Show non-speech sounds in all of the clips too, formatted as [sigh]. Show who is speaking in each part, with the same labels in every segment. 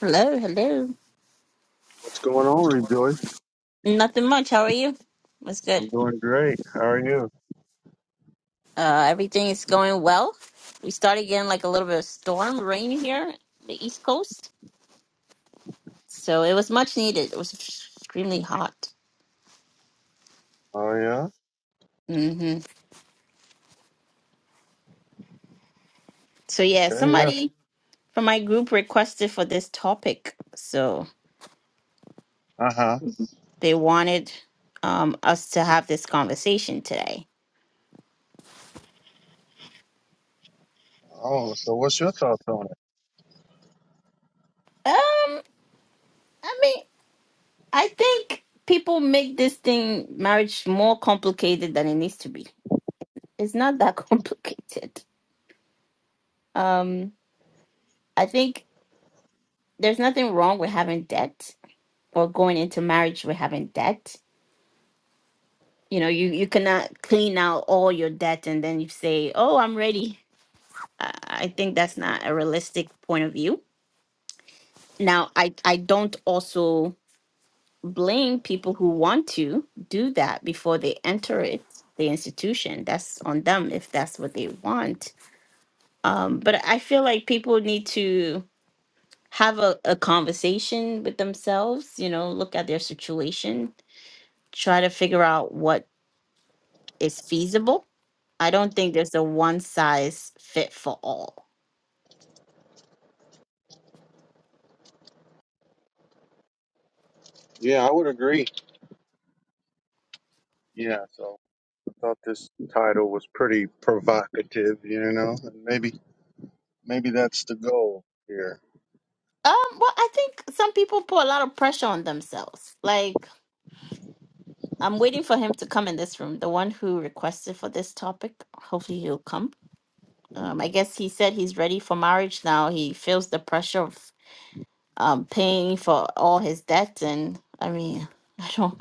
Speaker 1: Hello, hello.
Speaker 2: What's going on, Rejoice?
Speaker 1: Nothing much. How are you? What's good?
Speaker 2: I'm doing great. How are you?
Speaker 1: Uh, everything is going well. We started getting like a little bit of storm rain here, the East Coast. So it was much needed. It was extremely hot.
Speaker 2: Oh yeah.
Speaker 1: hmm So yeah,
Speaker 2: Okay. Yeah.
Speaker 1: somebody from my group requested for this topic. So
Speaker 2: Uh huh.
Speaker 1: they wanted um, us to have this conversation today.
Speaker 2: Oh, so what's your thoughts on it?
Speaker 1: Um, I mean, I think people make this thing marriage more complicated than it needs to be It's not that [laughs] complicated. Um, I think there's nothing wrong with having debt or going into marriage with having debt. You know, you, you cannot clean out all your debt and then you say, oh, I'm ready. I I think that's not a realistic point of view. Now, I, I don't also blame people who want to do that before they enter it, the institution. That's on them if that's what they want. Um, but I feel like people need to have a, a conversation with themselves, you know, look at their situation, try to figure out what is feasible. I don't think there's a one size fit for all.
Speaker 2: Yeah, I would agree. Yeah. So I thought this title was pretty provocative, you know, and maybe maybe that's the goal here.
Speaker 1: Um, well, I think some people put a lot of pressure on themselves. Like, I'm waiting for him to come in this room, the one who requested for this topic. Hopefully, he'll come. Um, I guess he said he's ready for marriage now. He feels the pressure of um, paying for all his debts. And I mean, [laughs] I don't.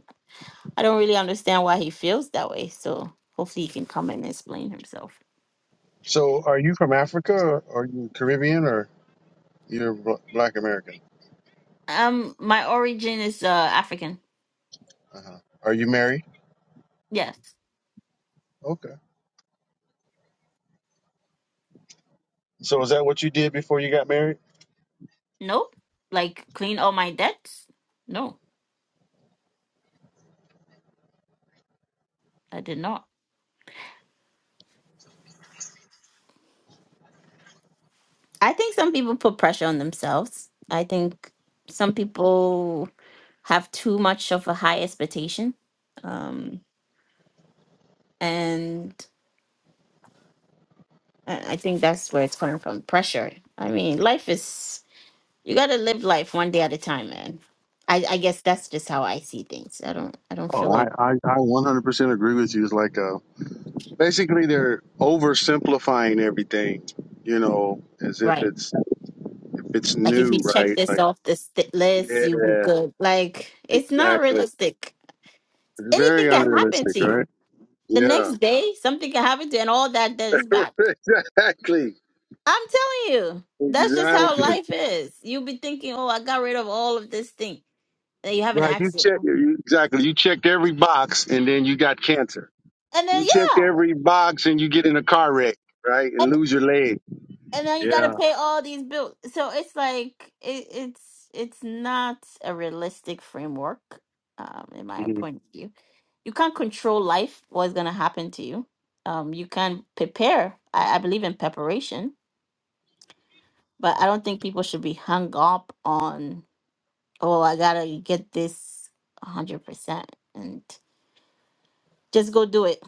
Speaker 1: I don't really understand why he feels that way. So hopefully he can come and explain himself.
Speaker 2: So, are you from Africa, or are you Caribbean, or you're bl- Black American?
Speaker 1: Um, my origin is uh African.
Speaker 2: Uh huh. Are you married?
Speaker 1: Yes.
Speaker 2: Okay. So, is that what you did before you got married?
Speaker 1: No. Like clean all my debts? No, I did not. I think some people put pressure on themselves. I think some people have too much of a high expectation. Um, and I I think that's where it's coming from pressure. I mean, life is You gotta live life one day at a time, man. I, I guess that's just how I see things. I don't I don't feel
Speaker 2: Oh, I
Speaker 1: like
Speaker 2: I, I 100% agree with you. It's like a basically they're oversimplifying everything, you know, as if
Speaker 1: right.
Speaker 2: it's if it's
Speaker 1: Like if you
Speaker 2: new,
Speaker 1: check
Speaker 2: right?
Speaker 1: this
Speaker 2: Like,
Speaker 1: off this st- list, you'll be
Speaker 2: yeah,
Speaker 1: good. Like it's not
Speaker 2: exactly.
Speaker 1: realistic.
Speaker 2: It's
Speaker 1: Anything
Speaker 2: very
Speaker 1: can happen
Speaker 2: unrealistic,
Speaker 1: to
Speaker 2: right?
Speaker 1: you. The
Speaker 2: Yeah,
Speaker 1: next day, something can happen to you, and all that debt is
Speaker 2: [laughs]
Speaker 1: back.
Speaker 2: exactly,
Speaker 1: I'm telling you, that's just how
Speaker 2: exactly.
Speaker 1: life is. You'll be thinking, "Oh, I got rid of all of this thing," and you have an
Speaker 2: Right. You
Speaker 1: accident,
Speaker 2: check you- exactly. You check every box, and then you got cancer.
Speaker 1: and
Speaker 2: You
Speaker 1: then
Speaker 2: check
Speaker 1: yeah.
Speaker 2: every box, and you get in a car wreck, right, and lose your leg.
Speaker 1: and now you got to
Speaker 2: Yeah.
Speaker 1: pay all these bills. So it's like it, it's it's not a realistic framework, um, in my point of view. You can't control life. What's gonna happen to you? Um, you can prepare. I, I believe in preparation, but I don't think people should be hung up on oh I gotta get this a hundred percent and just go do it.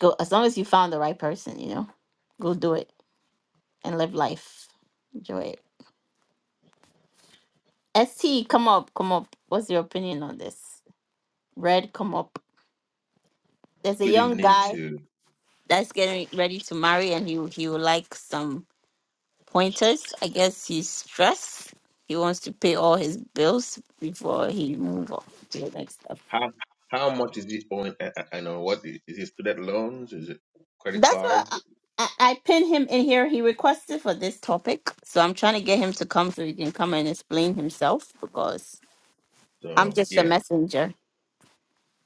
Speaker 1: Go as long as you found the right person, you know, go do it and live life, enjoy it. ST, come up, come up. What's your opinion on this? Red, come up. There's a
Speaker 3: Good
Speaker 1: young
Speaker 3: evening to
Speaker 1: guy
Speaker 3: you.
Speaker 1: that's getting ready to marry, and he he would like some pointers. I guess he's stressed. He wants to pay all his bills before he move on to the next step.
Speaker 3: how how much is it on? I, I I know what is, is it student loans? Is it credit
Speaker 1: That's what
Speaker 3: card?
Speaker 1: I, I, I pinned him in here. He requested for this topic, so I'm trying to get him to come so he can come and explain himself because I'm
Speaker 3: So
Speaker 1: just a
Speaker 3: yeah,
Speaker 1: messenger. [laughs]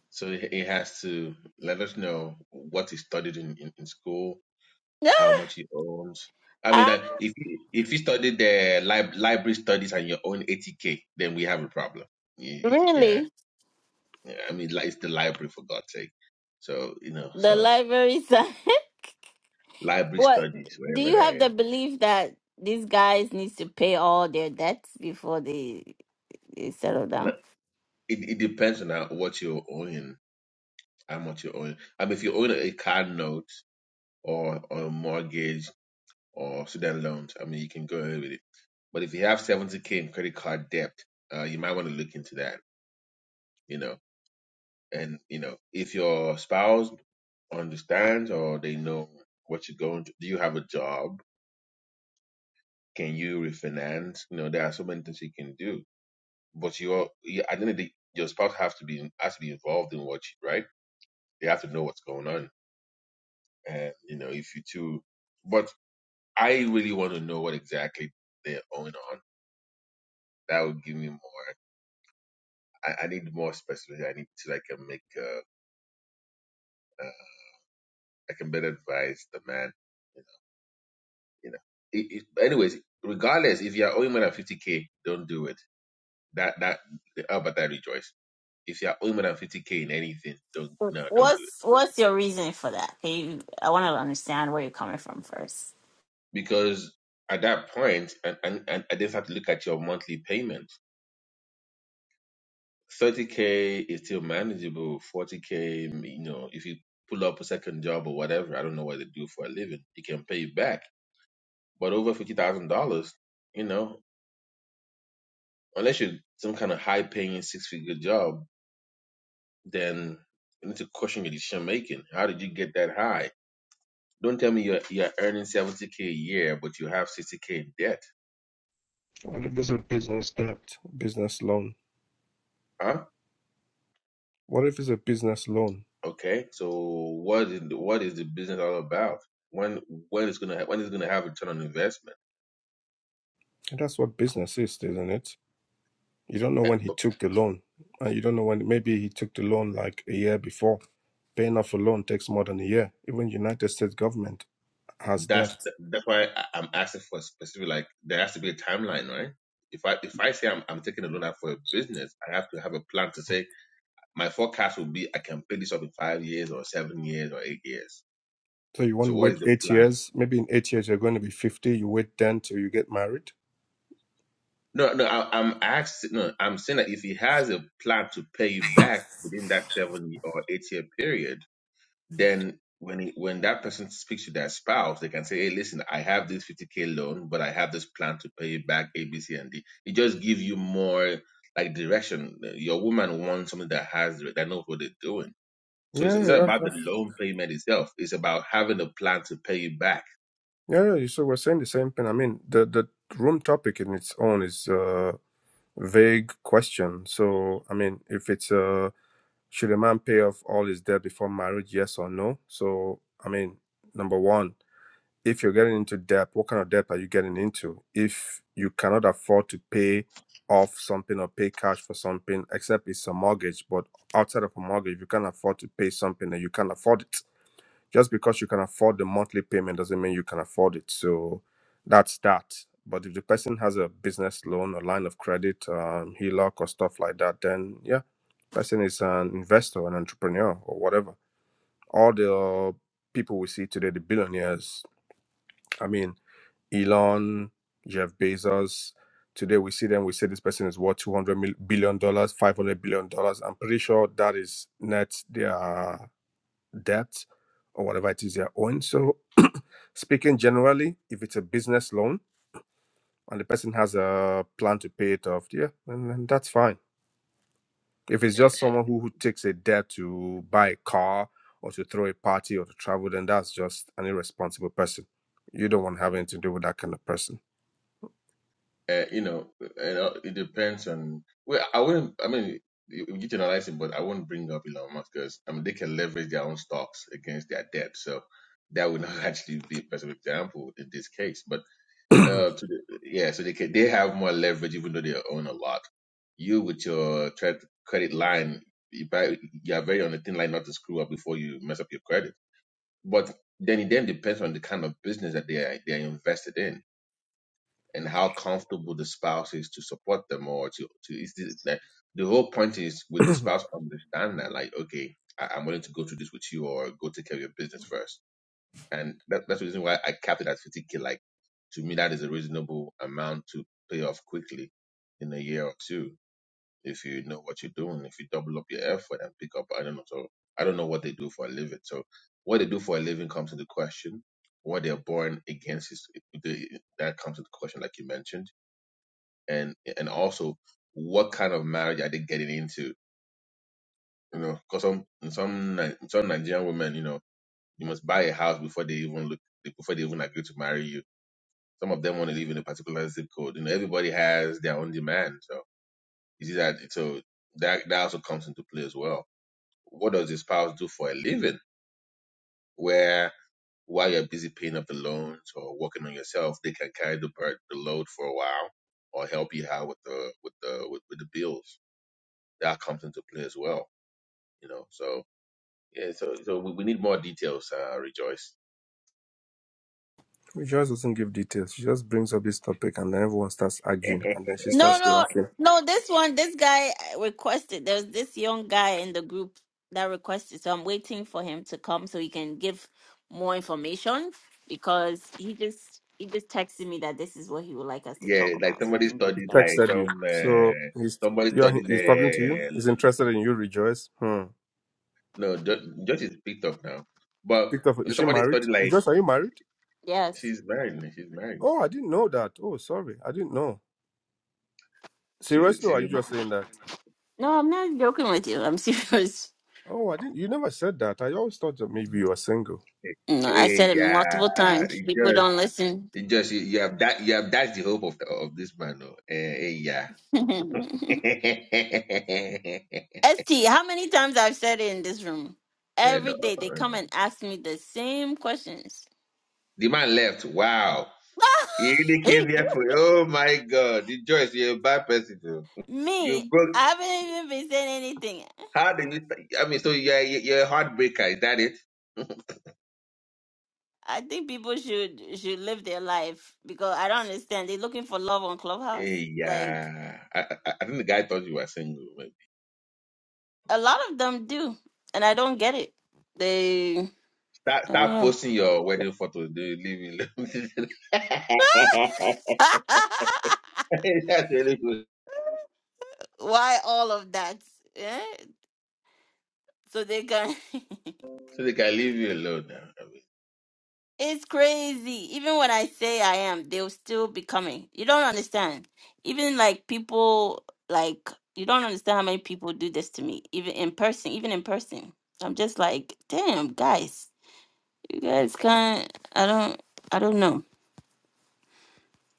Speaker 3: so he he has to let us know what he studied in, in, in school,
Speaker 1: No,
Speaker 3: how much he owns. I mean,
Speaker 1: uh,
Speaker 3: that if he- if he studied the lib- library studies and your own eighty k, then we have a problem. Y- Yeah,
Speaker 1: really,
Speaker 3: yeah. I mean, like, it's the library for God's sake. So you know,
Speaker 1: the
Speaker 3: so
Speaker 1: library side. [laughs]
Speaker 3: library
Speaker 1: What
Speaker 3: studies
Speaker 1: do
Speaker 3: wherever
Speaker 1: you
Speaker 3: that
Speaker 1: have the
Speaker 3: is.
Speaker 1: belief that these guys needs to pay all their debts before they, they settle down?
Speaker 3: But It, it depends on how- what you own. how much you own. I mean, if you own a car note or, or a mortgage or student loans, I mean, you can go ahead with it. But if you have 70K in credit card debt, uh, you might want to look into that, you know. And, you know, if your spouse understands or they know what you're going to, do you have a job? Can you refinance? You know, there are so many things you can do. But you're, you, at the end of the day, your spouse has to be has to be involved in what you, right? They have to know what's going on. And, you know, if you two, but I really want to know what exactly they're owing on. That would give me more. I, I need more specificity. I need to like uh, make uh, uh, I can better advise the man. You know, you know. It, it, anyways, regardless, if you're owing more than fifty k, don't do it. That that how about that rejoice? If you're owing more than fifty k in anything, don't no, don't do it
Speaker 1: What's what's your reason for that? Can you, I want to understand where you're coming from first.
Speaker 3: because at that point, and and, and I just have to look at your monthly payment 30k is still manageable. 40k, you know, if you pull up a second job or whatever, I don't know what they do for a living, it can pay you back. But over fifty thousand dollars, you know, unless you're some kind of high paying six figure job, then you need to question your decision making. How did you get that high? Don't tell me you're you're earning seventy k a year, but you have sixty k in debt,
Speaker 4: What if it's a business debt, business loan?
Speaker 3: huh?
Speaker 4: What if it's a business loan?
Speaker 3: Okay, so what is what is the business all about? When when is gonna ha- when is gonna have return on investment?
Speaker 4: And that's what business is, isn't it? You don't know when he took the loan, and you don't know when maybe he took the loan like a year before. Paying off a loan takes more than a year. Even United States government has
Speaker 3: That's
Speaker 4: debt.
Speaker 3: that's why I- I'm asking for specific. Like there has to be a timeline, right? If I if I say I'm I'm taking a loan out for a business, I have to have a plan to say my forecast will be I can pay this off in five years or seven years or eight years.
Speaker 4: So you want
Speaker 3: So
Speaker 4: to
Speaker 3: what is
Speaker 4: wait
Speaker 3: the
Speaker 4: eight
Speaker 3: plan?
Speaker 4: years? Maybe in eight years you're going to be fifty. You wait ten till you get married.
Speaker 3: No, no, I, I'm asking. No, I'm saying that if he has a plan to pay back within that seven or eight year period then when he, when that person speaks to their spouse, they can say, "Hey, listen, I have this 50k loan, but I have this plan to pay it back A, B, C, and D." It just gives you more like direction. Your woman wants something that has that knows what they're doing. So it's,
Speaker 4: Yeah,
Speaker 3: it's
Speaker 4: yeah,
Speaker 3: not
Speaker 4: that's,
Speaker 3: about the loan payment itself. It's about having a plan to pay it back.
Speaker 4: yeah. yeah, So we're saying the same thing. I mean, the the room topic in its own is a vague question. So I mean, if it's a Should a man pay off all his debt before marriage? Yes or no? So, I mean, number one, if you're getting into debt, what kind of debt are you getting into? If you cannot afford to pay off something or pay cash for something, except it's a mortgage, but outside of a mortgage, you can't afford to pay something and you can't afford it just because you can afford the monthly payment doesn't mean you can afford it. So that's that. But if the person has a business loan or line of credit, um, HELOC or stuff like that, then yeah, person is an investor, an entrepreneur, or whatever. All the people we see today, the billionaires, I mean, Elon, Jeff Bezos, today we see them, we say this person is worth $200 mil- billion, $500 billion. dollars. I'm pretty sure that is net their debt or whatever it is they're owing. So Speaking generally, if it's a business loan and the person has a plan to pay it off, yeah, and, then that's fine. If it's just someone who, who takes a debt to buy a car or to throw a party or to travel, then that's just an irresponsible person. You don't want to have anything to do with that kind of person.
Speaker 3: uh, you know, you it depends on. Well, I wouldn't. I mean, you you can analyze it, but I wouldn't bring up Elon Musk because I mean they can leverage their own stocks against their debt, so that would not [laughs] actually be a best example in this case. But uh, to the, yeah, so they can, they have more leverage even though they own a lot.
Speaker 4: [clears throat]
Speaker 3: You with your tre- credit line, you buy, you are very on the thin line not to screw up before you mess up your credit. But then it then depends on the kind of business that they are they are invested in and how comfortable the spouse is to support them or to to is the, like, the whole point is with the spouse understand that like okay I, I'm willing to go through this with you or go take care of your business first and that, that's the reason why I capped it at 50k like to me that is a reasonable amount to pay off quickly in a year or two if you know what you're doing if you double up your effort and pick up I don't know so I don't know what they do for a living so what they do for a living comes into question what they're born against is that comes into question like you mentioned and and also what kind of marriage are they getting into? You know, because some some Ni- some Nigerian women, you know, you must buy a house before they even look before they even agree to marry you. Some of them want to live in a particular zip code. You know, everybody has their own demand. So you see that so that that also comes into play as well. What does your spouse do for a living? Where while you're busy paying up the loans or working on yourself, they can carry the bur- the load for a while or help you out with the with the with, with the bills that comes into play as well. You know, so yeah, so so we, we need more details. Uh, rejoice.
Speaker 4: Rejoice doesn't give details. She just brings up this topic and then everyone starts
Speaker 3: [laughs]
Speaker 4: arguing and then she
Speaker 1: No,
Speaker 4: starts
Speaker 1: no,
Speaker 4: laughing.
Speaker 1: no. This one, this guy requested. There's this young guy in the group that requested, so I'm waiting for him to come so he can give more information because he just he just texted me that this is what he would like us to
Speaker 3: yeah,
Speaker 1: talk
Speaker 3: like
Speaker 1: about, so we
Speaker 3: somebody
Speaker 1: can get
Speaker 4: He
Speaker 3: studied
Speaker 1: started.
Speaker 3: like
Speaker 4: texted you.
Speaker 3: some
Speaker 4: So
Speaker 3: uh,
Speaker 4: he's
Speaker 3: somebody
Speaker 4: you're
Speaker 3: studied
Speaker 4: he's talking to you.
Speaker 3: uh,
Speaker 4: He's interested in you, Rejoice. Hmm.
Speaker 3: no just just is picked up now, but
Speaker 4: Picked up is she
Speaker 3: somebody
Speaker 4: married?
Speaker 3: studied like
Speaker 4: Rejoice, are you married?
Speaker 1: Yes.
Speaker 3: she's married. She's married.
Speaker 4: Oh, I didn't know that. Oh, sorry. I didn't know.
Speaker 3: She's
Speaker 4: Seriously, or
Speaker 3: she's
Speaker 4: are
Speaker 3: a
Speaker 4: you
Speaker 3: ma-
Speaker 4: just saying that?
Speaker 1: No, I'm not joking with you. I'm [laughs] serious.
Speaker 4: Oh, I didn't. You never said that. I always thought that maybe you were single.
Speaker 1: No, I said
Speaker 3: hey
Speaker 1: it
Speaker 3: yeah.
Speaker 1: multiple times.
Speaker 3: It just
Speaker 1: People don't listen.
Speaker 3: it just you, you have that you have that's the hope of the, of this man. No, hey yeah.
Speaker 1: [laughs]
Speaker 3: [laughs] and
Speaker 1: ST, how many times I've said it in this room? Every day they
Speaker 3: uh,
Speaker 1: come and ask me the same questions.
Speaker 3: the man left. Wow. You really
Speaker 1: [laughs]
Speaker 3: came here for oh my god, you Joyce, you're a bad person too. You
Speaker 1: me, I
Speaker 3: broke
Speaker 1: haven't even been saying anything.
Speaker 3: how did you I mean so you're you're a heartbreaker, is that it?
Speaker 1: I think people should should live their life because I don't understand. They're looking for love on Clubhouse.
Speaker 3: Eh,
Speaker 1: Like
Speaker 3: yeah. I, I, I think the guy thought you were single, maybe.
Speaker 1: a lot of them do, and I don't get it. They,
Speaker 3: Start
Speaker 1: I don't
Speaker 3: start
Speaker 1: know.
Speaker 3: posting your wedding photos, do you leave me alone? [laughs]
Speaker 1: [laughs]
Speaker 3: That's really good.
Speaker 1: Why all of that? Eh? So they can. [laughs]
Speaker 3: So they can leave you alone now. I mean,
Speaker 1: it's crazy. Even when I say I am, they'll still be coming. You don't understand. Even like people, like, you don't understand how many people do this to me, even in person, even in person. I'm just like, damn, guys, you guys can't. I don't, I don't know.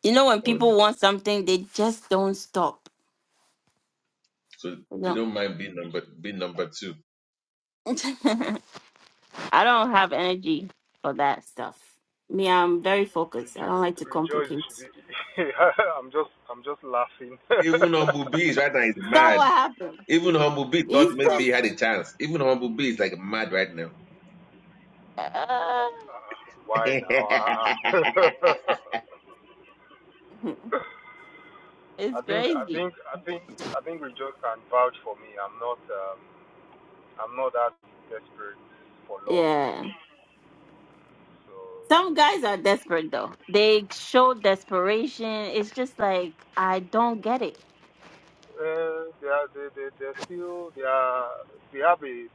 Speaker 1: You know, when
Speaker 3: or
Speaker 1: people want something, they just don't stop.
Speaker 3: so they
Speaker 1: You
Speaker 3: don't mind being number being number two.
Speaker 1: know. [laughs] I don't have energy for that stuff. Me, I'm very focused. I
Speaker 5: Rejo-
Speaker 1: don't like to
Speaker 5: rejoice you
Speaker 1: complicate.
Speaker 5: should be [laughs] i'm just i'm just laughing [laughs]
Speaker 3: Even Humble B is right now is
Speaker 1: So
Speaker 3: mad.
Speaker 1: what happened?
Speaker 3: Even Humble B thought
Speaker 1: He's
Speaker 5: yeah
Speaker 3: maybe
Speaker 5: i'm
Speaker 3: he had
Speaker 5: just
Speaker 3: a
Speaker 1: pissed.
Speaker 3: chance. Even Humble B is like mad right now.
Speaker 1: Uh,
Speaker 5: uh, why now uh,
Speaker 3: [laughs]
Speaker 1: [laughs]
Speaker 5: [laughs] i
Speaker 1: it's
Speaker 5: think i
Speaker 1: crazy.
Speaker 5: think i think i think rejoice can vouch for me i'm not um, i'm not that desperate for love
Speaker 1: Yeah.
Speaker 5: so
Speaker 1: Some guys are desperate though. They show desperation. It's just like I don't get it.
Speaker 5: uh, they are they they they're still they are they have a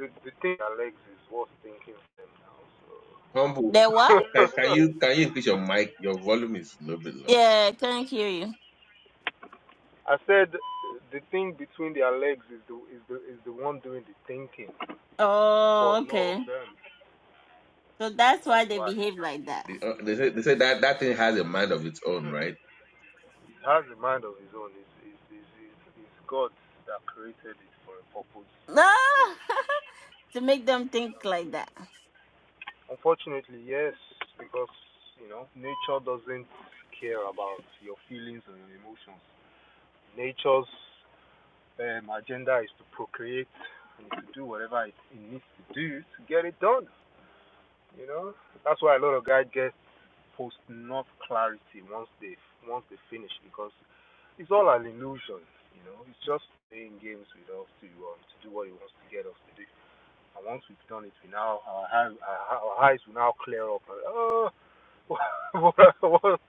Speaker 5: the the thing that legs is worth thinking for them now
Speaker 3: Humble,
Speaker 1: They what?
Speaker 3: can,
Speaker 5: so
Speaker 3: can
Speaker 5: [laughs]
Speaker 3: you can you increase your mic? Your volume is a little bit low.
Speaker 1: Yeah, couldn't hear you.
Speaker 5: I said the thing between their legs is the is the is the one doing the thinking for
Speaker 1: Oh,
Speaker 5: a lot of
Speaker 1: okay.
Speaker 5: them.
Speaker 1: So that's why
Speaker 5: That's
Speaker 1: they
Speaker 5: why
Speaker 1: behave like that.
Speaker 3: The,
Speaker 1: [laughs]
Speaker 3: uh, they say they say that that thing has a mind of its
Speaker 5: [laughs]
Speaker 3: own, right?
Speaker 5: it has a mind of its own. It's it's, it's, it's, it's God that created it for a purpose.
Speaker 1: No,
Speaker 5: So
Speaker 1: to make them think like that.
Speaker 5: unfortunately, yes, because you know nature doesn't care about your feelings or your emotions. Nature's um, agenda is to procreate and to do whatever it, it needs to do to get it done. You know, that's why a lot of guys get post enough clarity once they once they finish because it's all an illusion, you know. It's just playing games with us to um, to do what he wants to get us to do. And once we've done it, we now our, eyes- our, eyes will now clear up. And, oh, [laughs]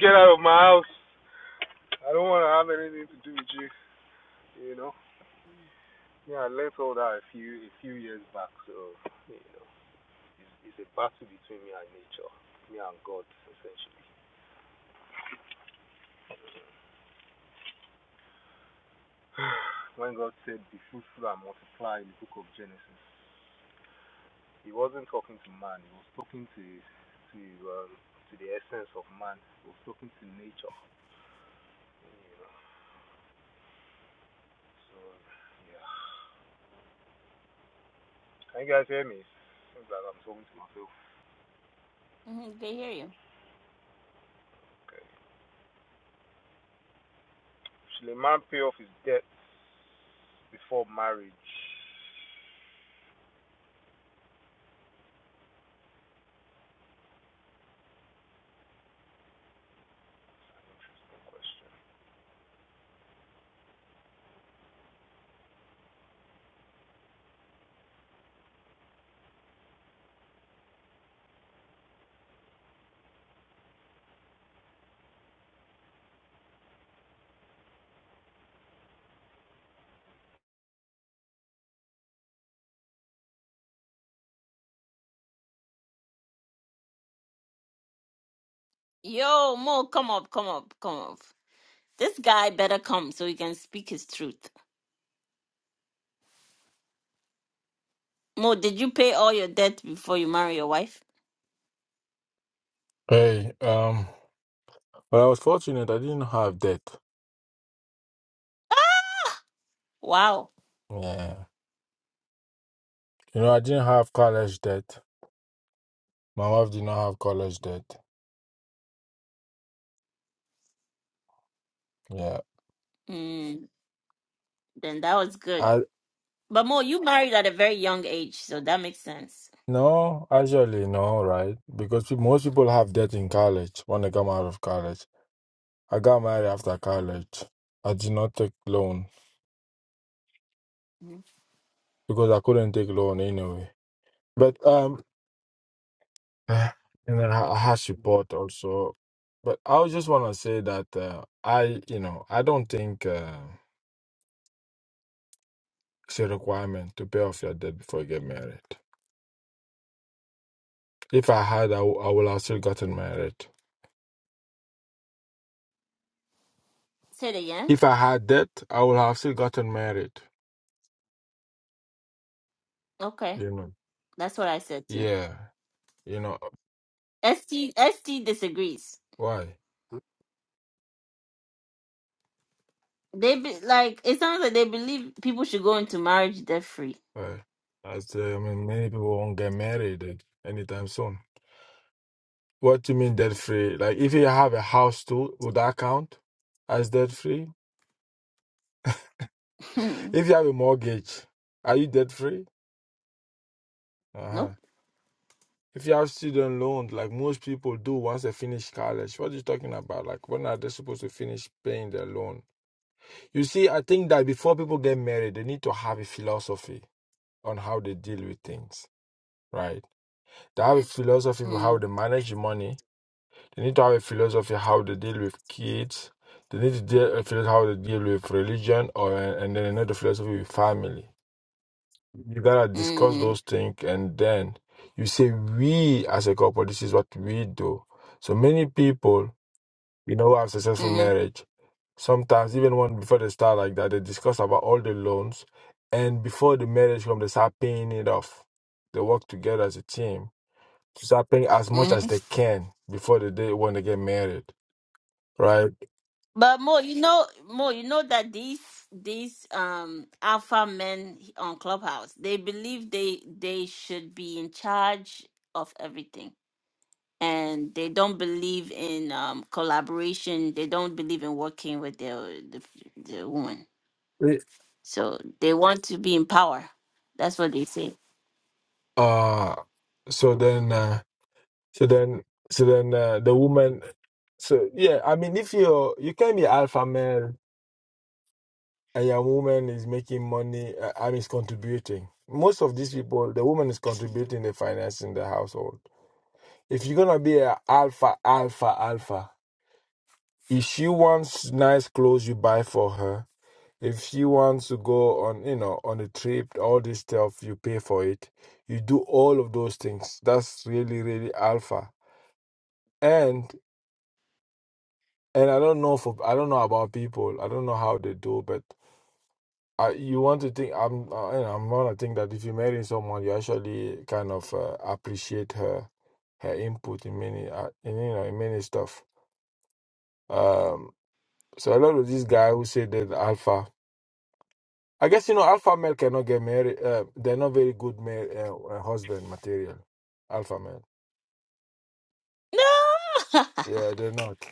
Speaker 5: get out of my house! I don't want to have anything to do with you, you know. Yeah, I learned all that a few a few years back. So you know, it's, it's a battle between me and nature, me and God, essentially. [sighs] when God said, Be fruitful and multiply in the book of Genesis, He wasn't talking to man, He was talking to to um, to the essence of man, He was talking to nature. You know? So, yeah. Can you guys hear me? Seems like I'm talking to myself.
Speaker 1: Mhm, they hear you.
Speaker 5: Okay. Should a man pay off his debts before marriage? An interesting question.
Speaker 1: Yo, Mo, come up, come up, come up. This guy better come so he can speak his truth. Mo, did you pay all your debt before you marry your wife?
Speaker 6: Hey, um, well, I was fortunate. I didn't have debt.
Speaker 1: Wow.
Speaker 6: Yeah. You know, I didn't have college debt. My wife did not have college debt. Yeah.
Speaker 1: Mm, then that was good.
Speaker 6: I
Speaker 1: But Mo, you married at a very young age, so that makes sense.
Speaker 6: no, actually no, right? Because pe- most people have debt in college when they come out of college. I got married after college. I did not take loan
Speaker 1: Mhm.
Speaker 6: because I couldn't take loan anyway. But um, [sighs] and then I I had support also. But I just want to say that uh, I, you know, I don't think. Uh, It's a requirement to pay off your debt before you get married. If I had, I wou- would have still gotten married.
Speaker 1: Say it again.
Speaker 6: If I had debt, I would have still gotten married.
Speaker 1: Okay,
Speaker 6: You know.
Speaker 1: that's what I said too.
Speaker 6: Yeah. You know
Speaker 1: St St disagrees.
Speaker 6: why?
Speaker 1: They be, like it sounds like they believe people should go into marriage debt free.
Speaker 6: Why? As uh, I mean, many people won't get married like, anytime soon. What do you mean debt free? Like, if you have a house too, would that count as debt free?
Speaker 1: [laughs] nope.
Speaker 6: If you have a mortgage, are you debt free? Uh huh. If you have student loans, like most people do once they finish college, what are you talking about? Like, when are they supposed to finish paying their loan? You see, I think that before people get married, they need to have a philosophy on how they deal with things, right? They have a philosophy of how
Speaker 1: Mm,
Speaker 6: they manage money. They need to have a philosophy of how they deal with kids. They need to deal a philosophy how they deal with religion, or and then another philosophy with family. you gotta discuss
Speaker 1: mm,
Speaker 6: those things and then you say we as a couple this is what we do so many people you know who have successful
Speaker 1: mm,
Speaker 6: marriage sometimes even when before they start like that they discuss about all the loans and before the marriage comes they start paying it off they work together as a team to start paying as much
Speaker 1: mm-hmm.
Speaker 6: as they can before the day when they get married right
Speaker 1: But more, you know, more, you know that these these um alpha men on Clubhouse, they believe they they should be in charge of everything, and they don't believe in um collaboration. They don't believe in working with their the, the woman.
Speaker 6: It-
Speaker 1: So they want to be in power. That's what they say.
Speaker 6: uh so then uh, so then so then uh, the woman So yeah, I mean, if you're you can be alpha male and your woman is making money, uh, I mean, is contributing. Most of these people, the woman is contributing the finance in the household. If you're gonna be a alpha, alpha, alpha, if she wants nice clothes, you buy for her. If she wants to go on, you know, on a trip, all this stuff, you pay for it. You do all of those things. That's really, really alpha. And and I don't know for I don't know about people. I don't know how they do, but. I, you want to think I'm uh, you know, I'm gonna think that if you marry someone, you actually kind of uh, appreciate her her input in many uh, in you know in many stuff. Um, so a lot of these guys who say they that alpha, I guess you know alpha male cannot get married. Uh, they're not very good male uh, uh, husband material. Alpha male,
Speaker 1: No,
Speaker 6: yeah, they're not.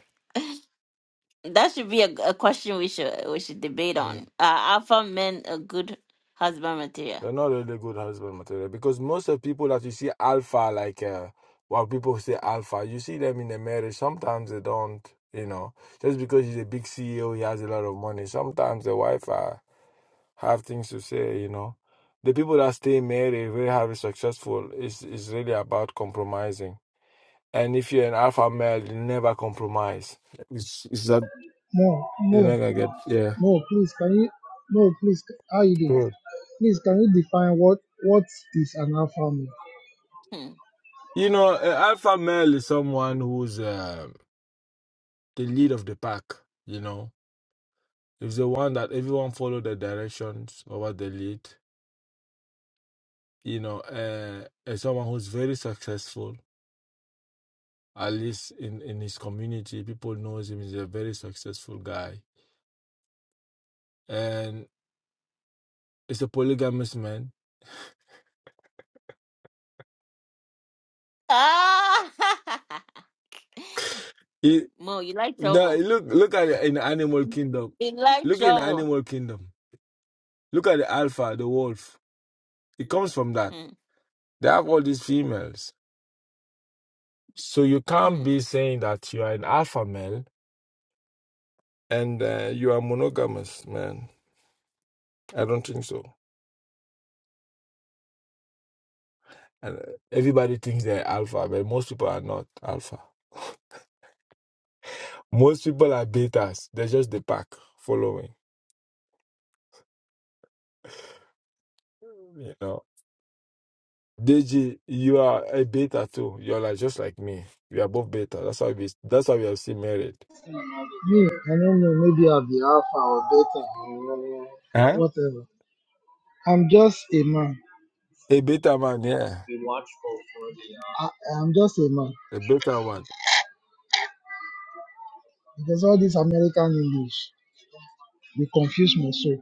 Speaker 1: [laughs] that should be a, a question we should we should debate on. Are alpha men a good husband material?
Speaker 6: They're not really good husband material because most of people that you see alpha, like uh, what people say alpha, you see them in the marriage. Sometimes they don't, you know, just because he's a big CEO, he has a lot of money. Sometimes the wife uh, have things to say, you know. The people that stay married, very highly successful, is is really about compromising. And if you're an alpha male, you never compromise. Is is that
Speaker 7: Mo,
Speaker 6: you're
Speaker 7: Mo,
Speaker 6: not gonna get yeah.
Speaker 7: Mo, please can you Mo, please how you doing?
Speaker 6: Good.
Speaker 7: Please can you define what what is an alpha male?
Speaker 6: You know, an alpha male is someone who's. Uh, the lead of the pack, you know. It's the one that everyone follow the directions over the lead, you know, uh, as someone who's very successful, at least in, in his community, people knows him, he's a very successful guy. And it's a polygamous man.
Speaker 1: Ah, [laughs]
Speaker 6: He,
Speaker 1: Mo, you like
Speaker 6: no,
Speaker 1: trouble.
Speaker 6: look look at it in animal kingdom.
Speaker 1: You like
Speaker 6: Look in
Speaker 1: trouble.
Speaker 6: animal kingdom. Look at the alpha, the wolf. It comes from that.
Speaker 1: Hmm,
Speaker 6: They have all these females. So you can't
Speaker 1: hmm.
Speaker 6: be saying that you are an alpha male and uh, you are monogamous, man. I don't think so. And uh, everybody thinks they're alpha, but most people are not alpha. Most people are betas. They're just the pack following. You know, Deji, you are a beta too. You're like just like me. We are both beta. That's why we. That's why we have seen married.
Speaker 7: Me, I don't know, maybe I'll be alpha or beta or
Speaker 6: Huh?
Speaker 7: whatever. I'm just a man.
Speaker 6: A beta man, yeah,
Speaker 7: I, am just a man.
Speaker 6: a beta one.
Speaker 7: Because all this American English, they confuse me so.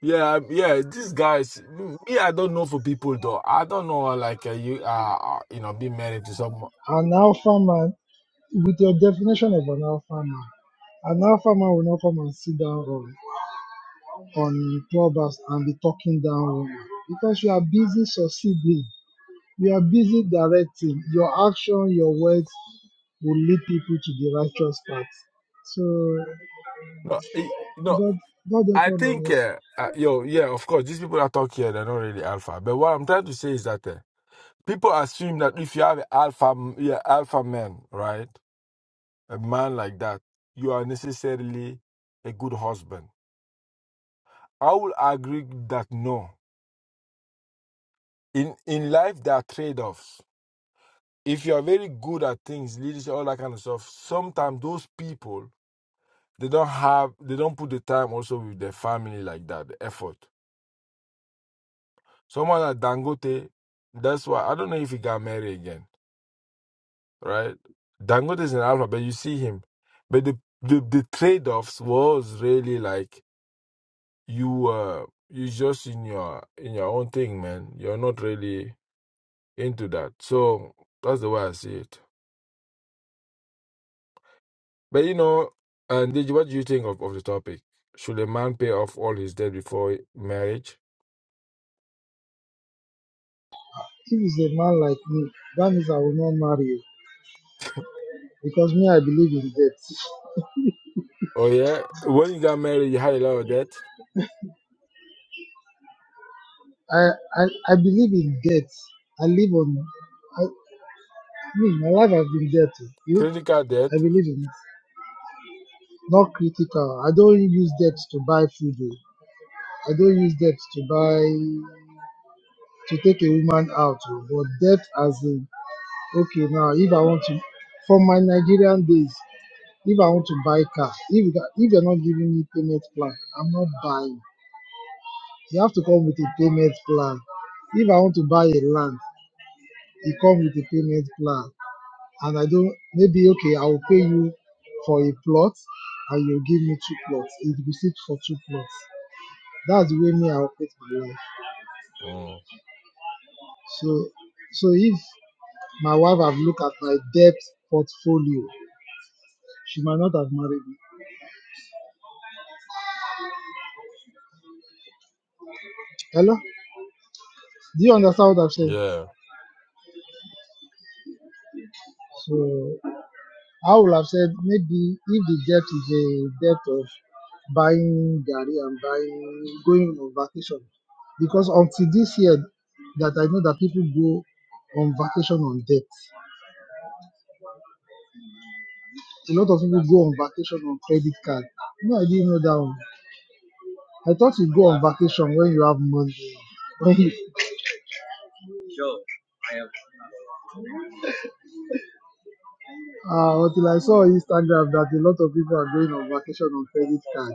Speaker 6: Yeah, i yeah. These guys, m- me, I don't know for people though. I don't know, like uh, you, uh, uh, you know, being married to someone.
Speaker 7: An alpha man, with your definition of an alpha man, an alpha man will not come and sit down on on clubhouse and be talking down woman because you are busy succeeding. You are busy directing. Your action, your words will lead people to the righteous path. So
Speaker 6: No, it, no.
Speaker 7: God, God help
Speaker 6: I
Speaker 7: all of
Speaker 6: think,
Speaker 7: us.
Speaker 6: uh, uh, yo, yeah, of course, these people that talk here, they're not really alpha. But what I'm trying to say is that uh, people assume that if you have an alpha, yeah, alpha man, right, a man like that, you are necessarily a good husband. I will agree that no. In in life, there are trade-offs. If you are very good at things, leadership, all that kind of stuff, sometimes those people they don't have, they don't put the time also with their family like that, the effort. Someone like Dangote, that's why I don't know if he got married again, right? Dangote is in Alpha, but you see him. But the the, the trade offs was really like you uh you just in your in your own thing, man. You're not really into that. So that's the way I see it. But you know, and Digi, what do you think of, of the topic? Should a man pay off all his debt before marriage?
Speaker 7: If it's a man like me, that means I will not marry you because me, I believe in death.
Speaker 6: Oh yeah, when you got married, you had a lot of debt,
Speaker 7: I, I, I believe in death. I live on. I, me, my life has been death. You,
Speaker 6: critical debt.
Speaker 7: I believe in it. Not critical. I don't use debt to buy food. oh. I don't use debt to buy to take a woman out. oh. But debt as in okay now if i want to for my nigerian days if i want to buy car if you if you're not giving me payment plan i'm not buying you have to come with a payment plan if i want to buy a land you come with a payment plan and i don't maybe okay i will pay you for a plot and you give me two plots It will receipt for two plots that's the way me i operate my life
Speaker 6: Mm.
Speaker 7: so so if my wife have looked at my debt portfolio she might not have married me hello Do you understand what i have said?
Speaker 6: Yeah.
Speaker 7: So I would have said maybe if the debt is a debt of buying Gary and buying going on vacation. Because until this year that I know that people go on vacation on debt. A lot of people go on vacation on credit card. No, I didn't know that one. I thought you go on vacation when you have money. When you, uh, until I saw on Instagram that a lot of people are going on vacation on credit card.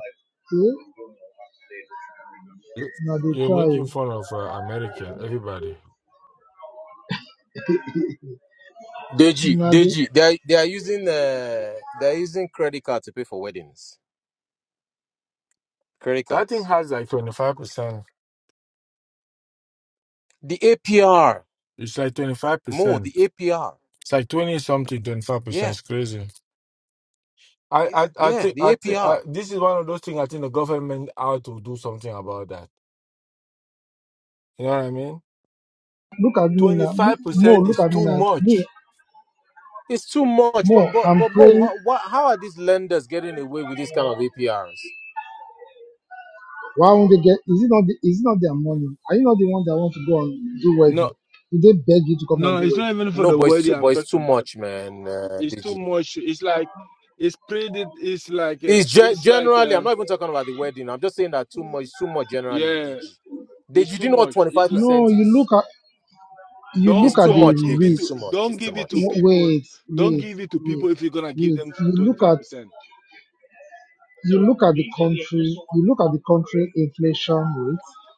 Speaker 7: See?
Speaker 6: You-
Speaker 7: Now they
Speaker 6: are
Speaker 7: try.
Speaker 6: making fun of uh, American, everybody.
Speaker 8: Deji,
Speaker 7: Now they
Speaker 8: Deji, they are, they are using uh, they are using credit card to pay for weddings. Credit
Speaker 6: That thing
Speaker 8: cards.
Speaker 6: has like 25%.
Speaker 8: The APR,
Speaker 6: It's like
Speaker 8: more
Speaker 6: 25%.
Speaker 8: the APR.
Speaker 6: It's like 20 something, 25%.
Speaker 8: Yeah,
Speaker 6: It's crazy. I, I, I
Speaker 8: yeah,
Speaker 6: think, I
Speaker 8: the
Speaker 6: think, I,
Speaker 8: APR.
Speaker 6: this is one of those things I think the government ought to do something about that. You know what I mean?
Speaker 7: Look at me now. Me, Mo,
Speaker 6: 25%
Speaker 7: look
Speaker 6: is
Speaker 7: at me
Speaker 6: too
Speaker 7: now. Me,
Speaker 6: much.
Speaker 8: It's too much. But
Speaker 7: Mo,
Speaker 8: but
Speaker 7: I'm
Speaker 8: but Mo,
Speaker 7: praying.
Speaker 8: how, wha- how are these lenders getting away with this kind of APRs?
Speaker 7: Why won't they get? Is it not? The, is it not their money? Are you not the one that want to go and do wedding?
Speaker 6: No,
Speaker 7: Did they beg you to come
Speaker 6: no,
Speaker 7: and do
Speaker 6: it's not
Speaker 7: wedding?
Speaker 6: even for
Speaker 8: No,
Speaker 6: the
Speaker 8: but it's
Speaker 6: word
Speaker 8: too, but
Speaker 6: I'm
Speaker 8: it's
Speaker 6: talking
Speaker 8: too
Speaker 6: about.
Speaker 8: much, man. Uh,
Speaker 6: It's too
Speaker 8: Deji.
Speaker 6: much. It's like, it's pretty, it's like, a,
Speaker 8: It's gen-
Speaker 6: it's like,
Speaker 8: generally. I'm
Speaker 6: a,
Speaker 8: not even talking about the wedding. I'm just saying that too much. too much generally,
Speaker 6: yeah,
Speaker 8: Deji.
Speaker 6: it's
Speaker 8: Deji, do
Speaker 6: too
Speaker 8: you know what
Speaker 6: much. It's
Speaker 8: 25
Speaker 6: like.
Speaker 7: No.
Speaker 8: percent
Speaker 7: You
Speaker 8: is?
Speaker 7: look at. You
Speaker 8: It's
Speaker 7: look
Speaker 6: Don't
Speaker 8: too
Speaker 7: at the
Speaker 6: don't
Speaker 8: much,
Speaker 6: give
Speaker 8: Deji.
Speaker 6: it
Speaker 8: It's
Speaker 7: risk.
Speaker 8: too
Speaker 6: to
Speaker 8: much.
Speaker 6: don't
Speaker 8: It's too
Speaker 6: give it to
Speaker 8: much.
Speaker 7: Wa-
Speaker 6: people.
Speaker 7: Wait,
Speaker 6: Don't
Speaker 7: wait,
Speaker 6: give it to
Speaker 7: wait,
Speaker 6: people if you're gonna give
Speaker 7: wait.
Speaker 6: them
Speaker 7: You
Speaker 6: twenty
Speaker 7: look
Speaker 6: five
Speaker 7: at.
Speaker 6: percent.
Speaker 7: You look at the country. You look at the country inflation rate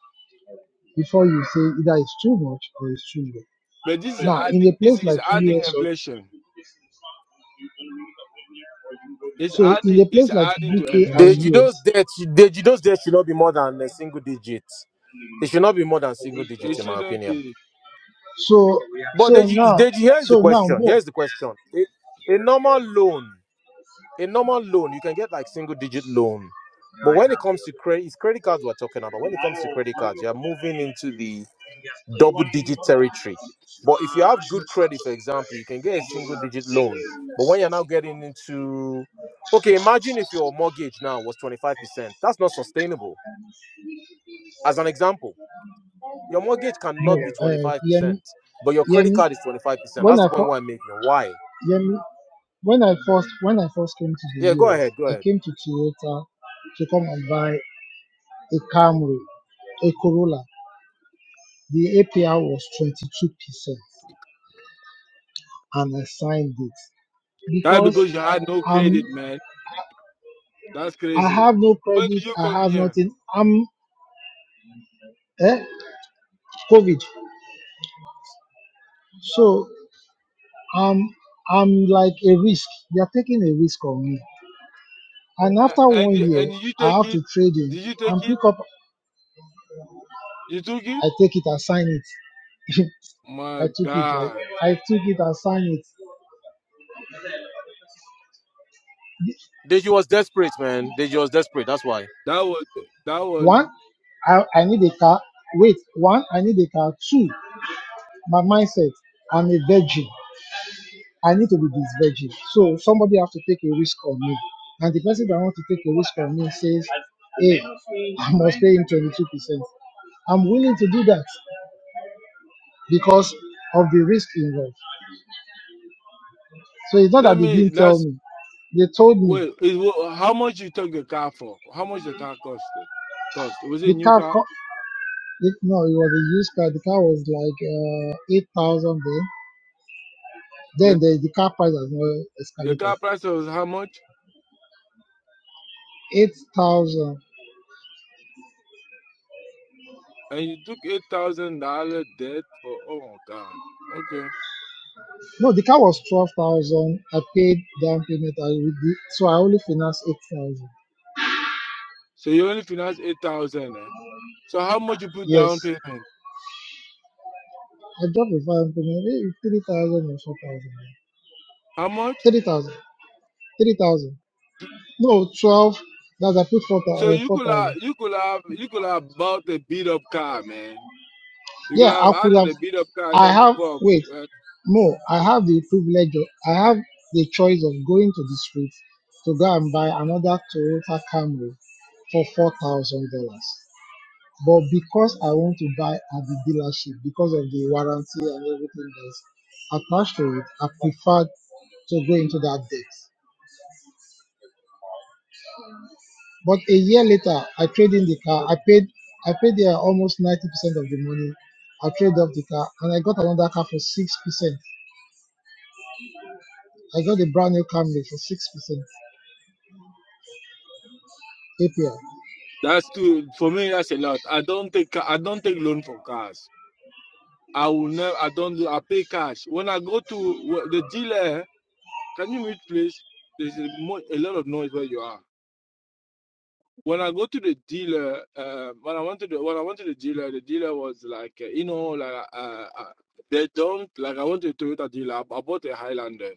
Speaker 7: before you say either it's too much or it's too low.
Speaker 6: But this is
Speaker 7: Now, in
Speaker 6: adding
Speaker 7: a
Speaker 6: this
Speaker 7: place
Speaker 6: is
Speaker 7: like
Speaker 6: adding
Speaker 7: US, or,
Speaker 6: inflation. It's
Speaker 7: so in
Speaker 6: adding
Speaker 7: a
Speaker 6: it's
Speaker 7: place like
Speaker 6: adding to
Speaker 7: UK
Speaker 8: The
Speaker 7: and
Speaker 6: inflation.
Speaker 8: Judo's
Speaker 7: US,
Speaker 8: debt, the Judo's debt should not be more than a single digit. It should not be more than single digit,
Speaker 6: It
Speaker 8: in my
Speaker 6: shouldn't
Speaker 8: opinion.
Speaker 6: be
Speaker 7: So
Speaker 8: But
Speaker 7: so
Speaker 8: Deji,
Speaker 7: now
Speaker 8: Deji, here's the
Speaker 7: so now
Speaker 8: question.
Speaker 7: more
Speaker 8: Here's the question. A, a normal loan, a normal loan, you can get like single digit loan. But when it comes to credit, it's credit cards we're talking about. When it comes to credit cards, you're moving into the double digit territory. But if you have good credit, for example, you can get a single digit loan. But when you're now getting into, okay, imagine if your mortgage now was 25%. That's not sustainable As an example, your mortgage cannot be
Speaker 7: more uh Yemi
Speaker 8: 25%, but your credit
Speaker 7: Yemi
Speaker 8: card is 25%.
Speaker 7: when
Speaker 8: That's the
Speaker 7: I fir-
Speaker 8: point why I'm making. Why?
Speaker 7: Yemi when I first when I first came to the
Speaker 8: Yeah, go
Speaker 7: US
Speaker 8: ahead, go
Speaker 7: I
Speaker 8: ahead.
Speaker 7: came to Toyota to come and buy a Camry a Corolla the APR was 22 percent and I signed it
Speaker 6: that
Speaker 7: because
Speaker 6: because you had no
Speaker 7: um
Speaker 6: credit, man. That's
Speaker 7: I
Speaker 6: crazy.
Speaker 7: have no
Speaker 6: When
Speaker 7: credit
Speaker 6: did you
Speaker 7: I
Speaker 6: come
Speaker 7: have
Speaker 6: here?
Speaker 7: nothing I'm eh COVID so um I'm like a risk they are taking a risk on me And
Speaker 6: A-
Speaker 7: after
Speaker 6: And
Speaker 7: one
Speaker 6: you-
Speaker 7: year,
Speaker 6: and you
Speaker 7: I
Speaker 6: take
Speaker 7: have
Speaker 6: it?
Speaker 7: to trade in
Speaker 6: Did you take
Speaker 7: and
Speaker 6: it?
Speaker 7: pick up.
Speaker 6: You took it?
Speaker 7: I take it and sign it. [laughs] I
Speaker 6: My
Speaker 7: took it like
Speaker 6: God,
Speaker 7: I took it and sign it.
Speaker 8: Deji was desperate, man. Deji was desperate. That's why.
Speaker 6: that was that was.
Speaker 7: One, I, I need a car. Wait, one, I need a car. Two, my mindset. I'm a virgin. I need to be this virgin. So somebody have to take a risk on me. And the person that want to take a risk on me says, Hey, I must pay him 22%. I'm willing to do that because of the risk involved. So it's not
Speaker 6: Let
Speaker 7: that they didn't
Speaker 6: me.
Speaker 7: tell me. They told me
Speaker 6: Well, is what? How much you took the car for? How much the car costed? Cost was it
Speaker 7: the
Speaker 6: a new
Speaker 7: car,
Speaker 6: car?
Speaker 7: co- it, no, it was a used car. The car was like uh, 8,000 then.
Speaker 6: The
Speaker 7: Then the, the car price has not
Speaker 6: the
Speaker 7: escalated.
Speaker 6: car price was how much?
Speaker 7: 8,000.
Speaker 6: And you took eight thousand dollar debt for? Oh my God. Okay.
Speaker 7: No, the car was 12,000. I paid down payment. I would do- So I only financed 8,000.
Speaker 6: So you only financed eight thousand. Eh? So how much you put
Speaker 7: Yes.
Speaker 6: down payment?
Speaker 7: I dropped the down payment, eh, 3,000 or 4,000.
Speaker 6: How much?
Speaker 7: 3,000. 3,000. No, 12. That's I put
Speaker 6: So you could
Speaker 7: 4,000.
Speaker 6: have you could have you could have bought a beat up car, man. You could
Speaker 7: Yeah,
Speaker 6: have
Speaker 7: I could
Speaker 6: added
Speaker 7: have.
Speaker 6: a beat up car. and
Speaker 7: I
Speaker 6: Then
Speaker 7: have.
Speaker 6: move up.
Speaker 7: Wait,
Speaker 6: Eh,
Speaker 7: no. I have the privilege. Of, I have the choice of going to the street to go and buy another Toyota Camry for four thousand dollars. But because I want to buy at the dealership because of the warranty and everything that's attached to it, I preferred to go into that debt. But a year later, I traded in the car. I paid. I paid there almost ninety percent of the money. I traded off the car and I got another car for six percent I got a brand new Camry for six percent APR.
Speaker 6: That's too for me. That's a lot. I don't take ca- I don't take loan for cars. I will never. I don't. do- I pay cash. When I go to the dealer, can you mute please? There's a, mo- a lot of noise where you are. When I go to the dealer, uh, when I went to the when I went to the dealer, the dealer was like, uh, you know, like uh, uh, they don't like. I went to a Toyota dealer. I I bought a Highlander.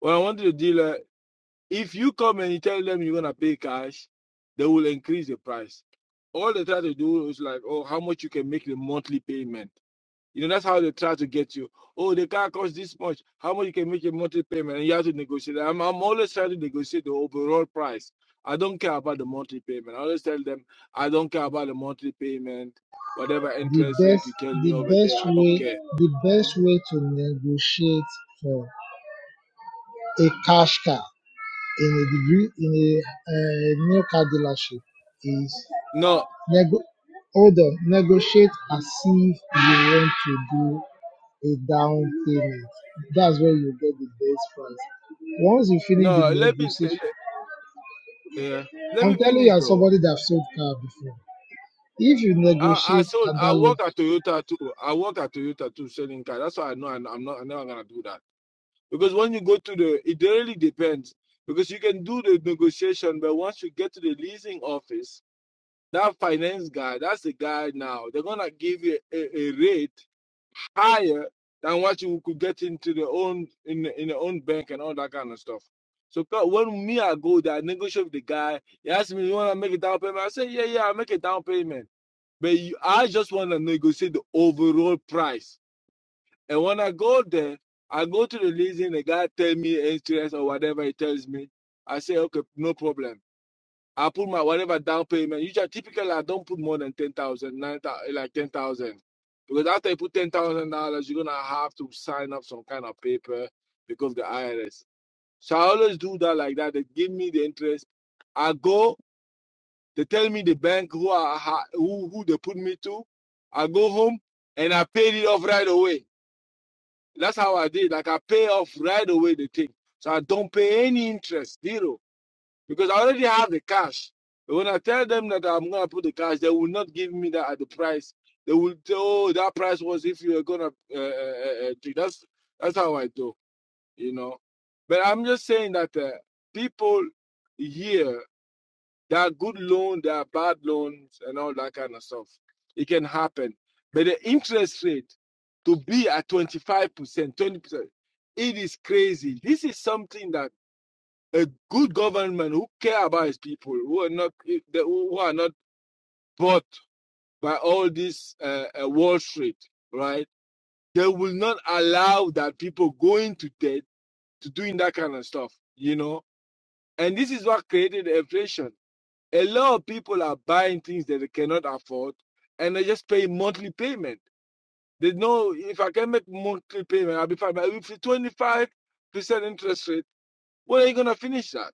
Speaker 6: When I went to the dealer, if you come and you tell them you're gonna pay cash, they will increase the price. All they try to do is like, oh, how much you can make the monthly payment. You know, that's how they try to get you. Oh, the car costs this much. How much you can make a monthly payment? And you have to negotiate. I'm, I'm always trying to negotiate the overall price. I don't care about the monthly payment. I always tell them, I don't care about the monthly payment. Whatever
Speaker 7: The
Speaker 6: interest
Speaker 7: best,
Speaker 6: rate you tell me
Speaker 7: the
Speaker 6: over
Speaker 7: best
Speaker 6: there, I don't
Speaker 7: way,
Speaker 6: care.
Speaker 7: the best way to negotiate for a cash car in a degree in a uh, new car dealership is
Speaker 6: No,
Speaker 7: nego- hold on, negotiate as if you want to do a down payment. That's where you get the best price. Once you finish the
Speaker 6: no, let me
Speaker 7: negotiation,
Speaker 6: le- yeah. let me
Speaker 7: I'm telling you,
Speaker 6: finish
Speaker 7: as
Speaker 6: though.
Speaker 7: somebody that sold car before, if you
Speaker 6: I, I
Speaker 7: negotiate
Speaker 6: sold
Speaker 7: at that
Speaker 6: I
Speaker 7: level
Speaker 6: work at Toyota too. I work at Toyota too selling car. That's why I know I'm not I'm not gonna do that. Because when you go to the, it really depends. Because you can do the negotiation, but once you get to the leasing office, that finance guy, that's the guy now, they're gonna give you a, a rate higher than what you could get into the own in in the own bank and all that kind of stuff. So when me I go there, I negotiate with the guy. He asks me, "You wanna make a down payment?" I say, "Yeah, yeah, I will make a down payment." But you, I just wanna negotiate the overall price and when I go there, I go to the leasing, the guy tell me interest or whatever he tells me. I say, okay, no problem. I put my whatever down payment. Usually, typically, I don't put more than 10,000, 9,000, like 10,000. Because after you put $10,000, you're going to have to sign up some kind of paper because the IRS. So I always do that like that. They give me the interest. I go, they tell me the bank who, I, ha- who, who they put me to. I go home and I paid it off right away. That's how I did. Like I pay off right away the thing. So I don't pay any interest, zero. Because I already have the cash. But when I tell them that I'm gonna put the cash, they will not give me that at the price. They will tell oh, that price was if you were gonna uh, uh, uh, uh, That's that's how I do, you know. But I'm just saying that uh, people here there are good loans, there are bad loans, and all that kind of stuff. It can happen. But the interest rate to be at 25%, 20%, it is crazy. This is something that a good government who care about his people, who are not who are not bought by all this uh, uh, Wall Street, right? They will not allow that people going to debt to doing that kind of stuff, you know. And this is what created inflation A lot of people are buying things that they cannot afford and they just pay monthly payment. They know if I can make monthly payment, I'll be fine. But if it's 25% interest rate, when are you going to finish that?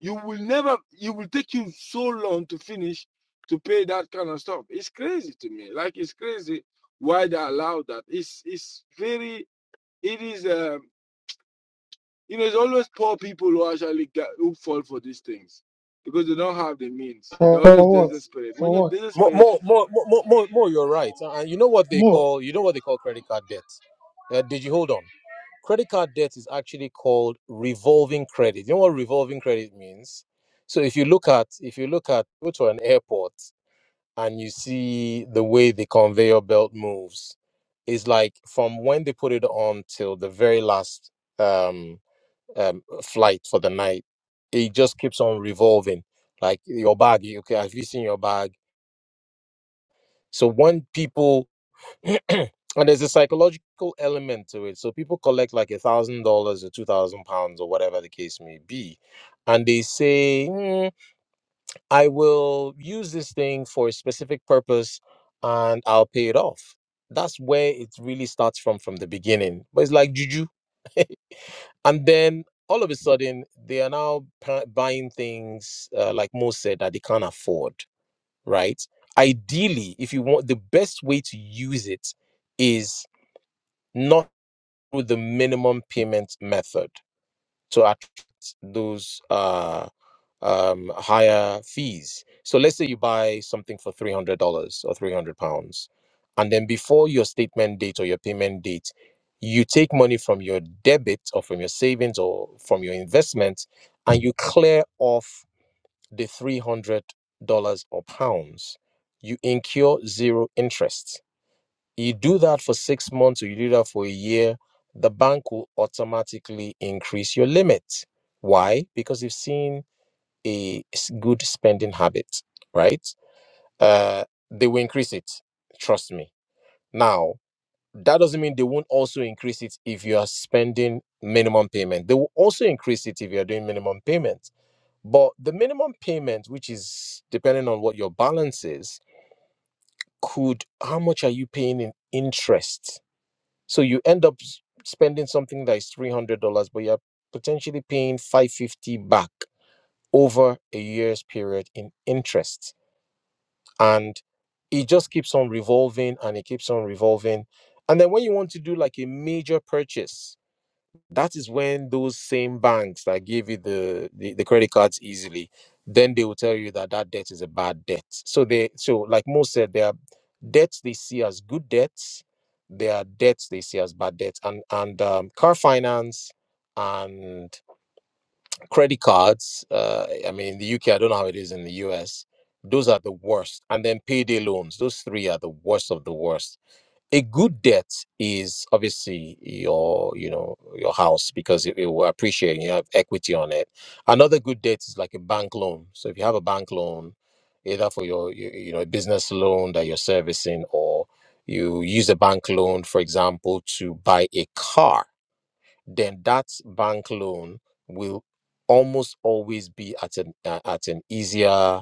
Speaker 6: You will never, it will take you so long to finish to pay that kind of stuff. It's crazy to me. Like, it's crazy why they allow that. It's, it's very, it is, um, you know, it's always poor people who actually get, who fall for these things because they don't have the means. They're
Speaker 7: For,
Speaker 6: always
Speaker 7: for what?
Speaker 6: desperate. When
Speaker 7: For
Speaker 6: you're
Speaker 7: what?
Speaker 8: More,
Speaker 6: desperate,
Speaker 8: more, more, more, more, more you're right. Uh, And you know what they
Speaker 7: More.
Speaker 8: call, you know what they call credit card debt. Uh, did you hold on? Credit card debt is actually called revolving credit. You know what revolving credit means? So if you look at, if you look at, go to an airport. and you see the way the conveyor belt moves is like from when they put it on till the very last um, um, flight for the night, it just keeps on revolving. Like your bag, you- okay, have you seen your bag? So when people, [clears throat] and there's a psychological element to it. So people collect like a thousand dollars or two thousand pounds or whatever the case may be, and they say. "Hmm, I will use this thing for a specific purpose and I'll pay it off. That's where it really starts from from the beginning. But it's like juju. And then all of a sudden, they are now pa- buying things, uh, like Mo said, that they can't afford, right? Ideally, if you want the best way to use it is not with the minimum payment method to attract those. uh, um, higher fees. So let's say you buy something for three hundred dollars or three hundred pounds, and then before your statement date or your payment date, you take money from your debit or from your savings or from your investment, and you clear off the three hundred dollars or pounds. You incur zero interest. You do that for six months or you do that for a year, the bank will automatically increase your limit. Why? Because you have seen a s- good spending habit, right? Uh, they will increase it. Trust me. Now, that doesn't mean they won't also increase it if you are spending minimum payment. They will also increase it if you are doing minimum payment. But the minimum payment, which is depending on what your balance is, could how much are you paying in interest? So you end up s- spending something that is three hundred dollars, but you're potentially paying five fifty back over a year's period in interest and it just keeps on revolving and it keeps on revolving and then when you want to do like a major purchase that is when those same banks that give you the the, the credit cards easily then they will tell you that that debt is a bad debt so they so like Mo said there are debts they see as good debts there are debts they see as bad debts and and um, car finance and credit cards uh, i mean in the uk i don't know how it is in the us those are the worst and then payday loans those three are the worst of the worst a good debt is obviously your you know your house because it, it will appreciate you have equity on it another good debt is like a bank loan so if you have a bank loan either for your you, you know business loan that you're servicing or you use a bank loan for example to buy a car then that bank loan will almost always be at an uh, at an easier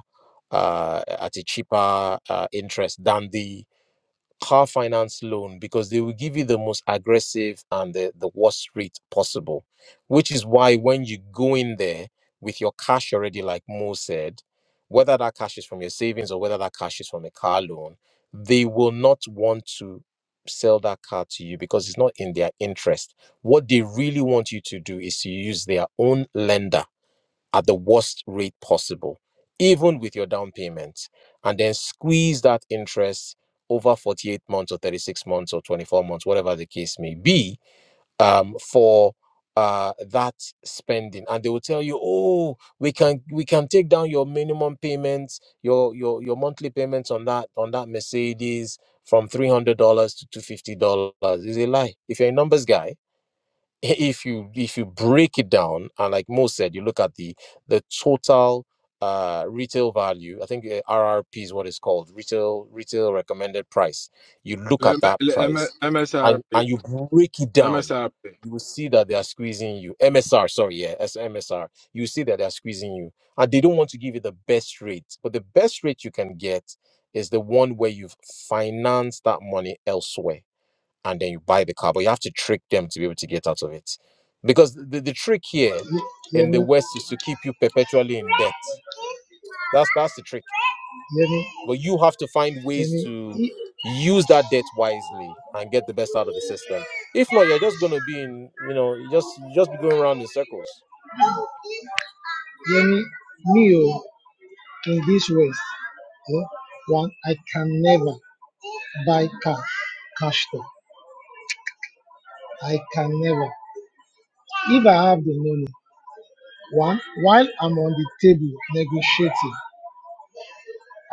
Speaker 8: uh, at a cheaper uh, interest than the car finance loan because they will give you the most aggressive and the, the worst rate possible, which is why when you go in there with your cash already, like Mo said, whether that cash is from your savings or whether that cash is from a car loan, they will not want to sell that car to you because it's not in their interest. What they really want you to do is to use their own lender at the worst rate possible, even with your down payment, and then squeeze that interest over 48 months or 36 months or 24 months, whatever the case may be, um, for uh that spending and they will tell you oh we can we can take down your minimum payments your your your monthly payments on that on that mercedes from $300 to $250 is a lie if you're a numbers guy if you if you break it down and like Mo said, you look at the the total uh retail value i think uh, rrp is what it's called retail retail recommended price you look at
Speaker 6: Le-
Speaker 8: that
Speaker 6: le- M-
Speaker 8: price and
Speaker 6: MSRP.
Speaker 8: and you break it down
Speaker 6: MSRP.
Speaker 8: you will see that they are squeezing you msr sorry yeah as msr you see that they are squeezing you and they don't want to give you the best rate but the best rate you can get is the one where you've financed that money elsewhere and then you buy the car, but you have to trick them to be able to get out of it. Because the, the trick here
Speaker 7: Ye-
Speaker 8: in the
Speaker 7: Yemi,
Speaker 8: West is to keep you perpetually in debt. That's that's the trick.
Speaker 7: Yemi,
Speaker 8: But you have to find ways
Speaker 7: Yemi,
Speaker 8: to
Speaker 7: I-
Speaker 8: use that debt wisely and get the best out of the system. If not, you're just gonna be in, you know, you just you just be going around in circles.
Speaker 7: Yemi, me, oh, in this ways. eh, One, I can never buy cash, cash stock. I can never. If I have the money, one, while I'm on the table negotiating,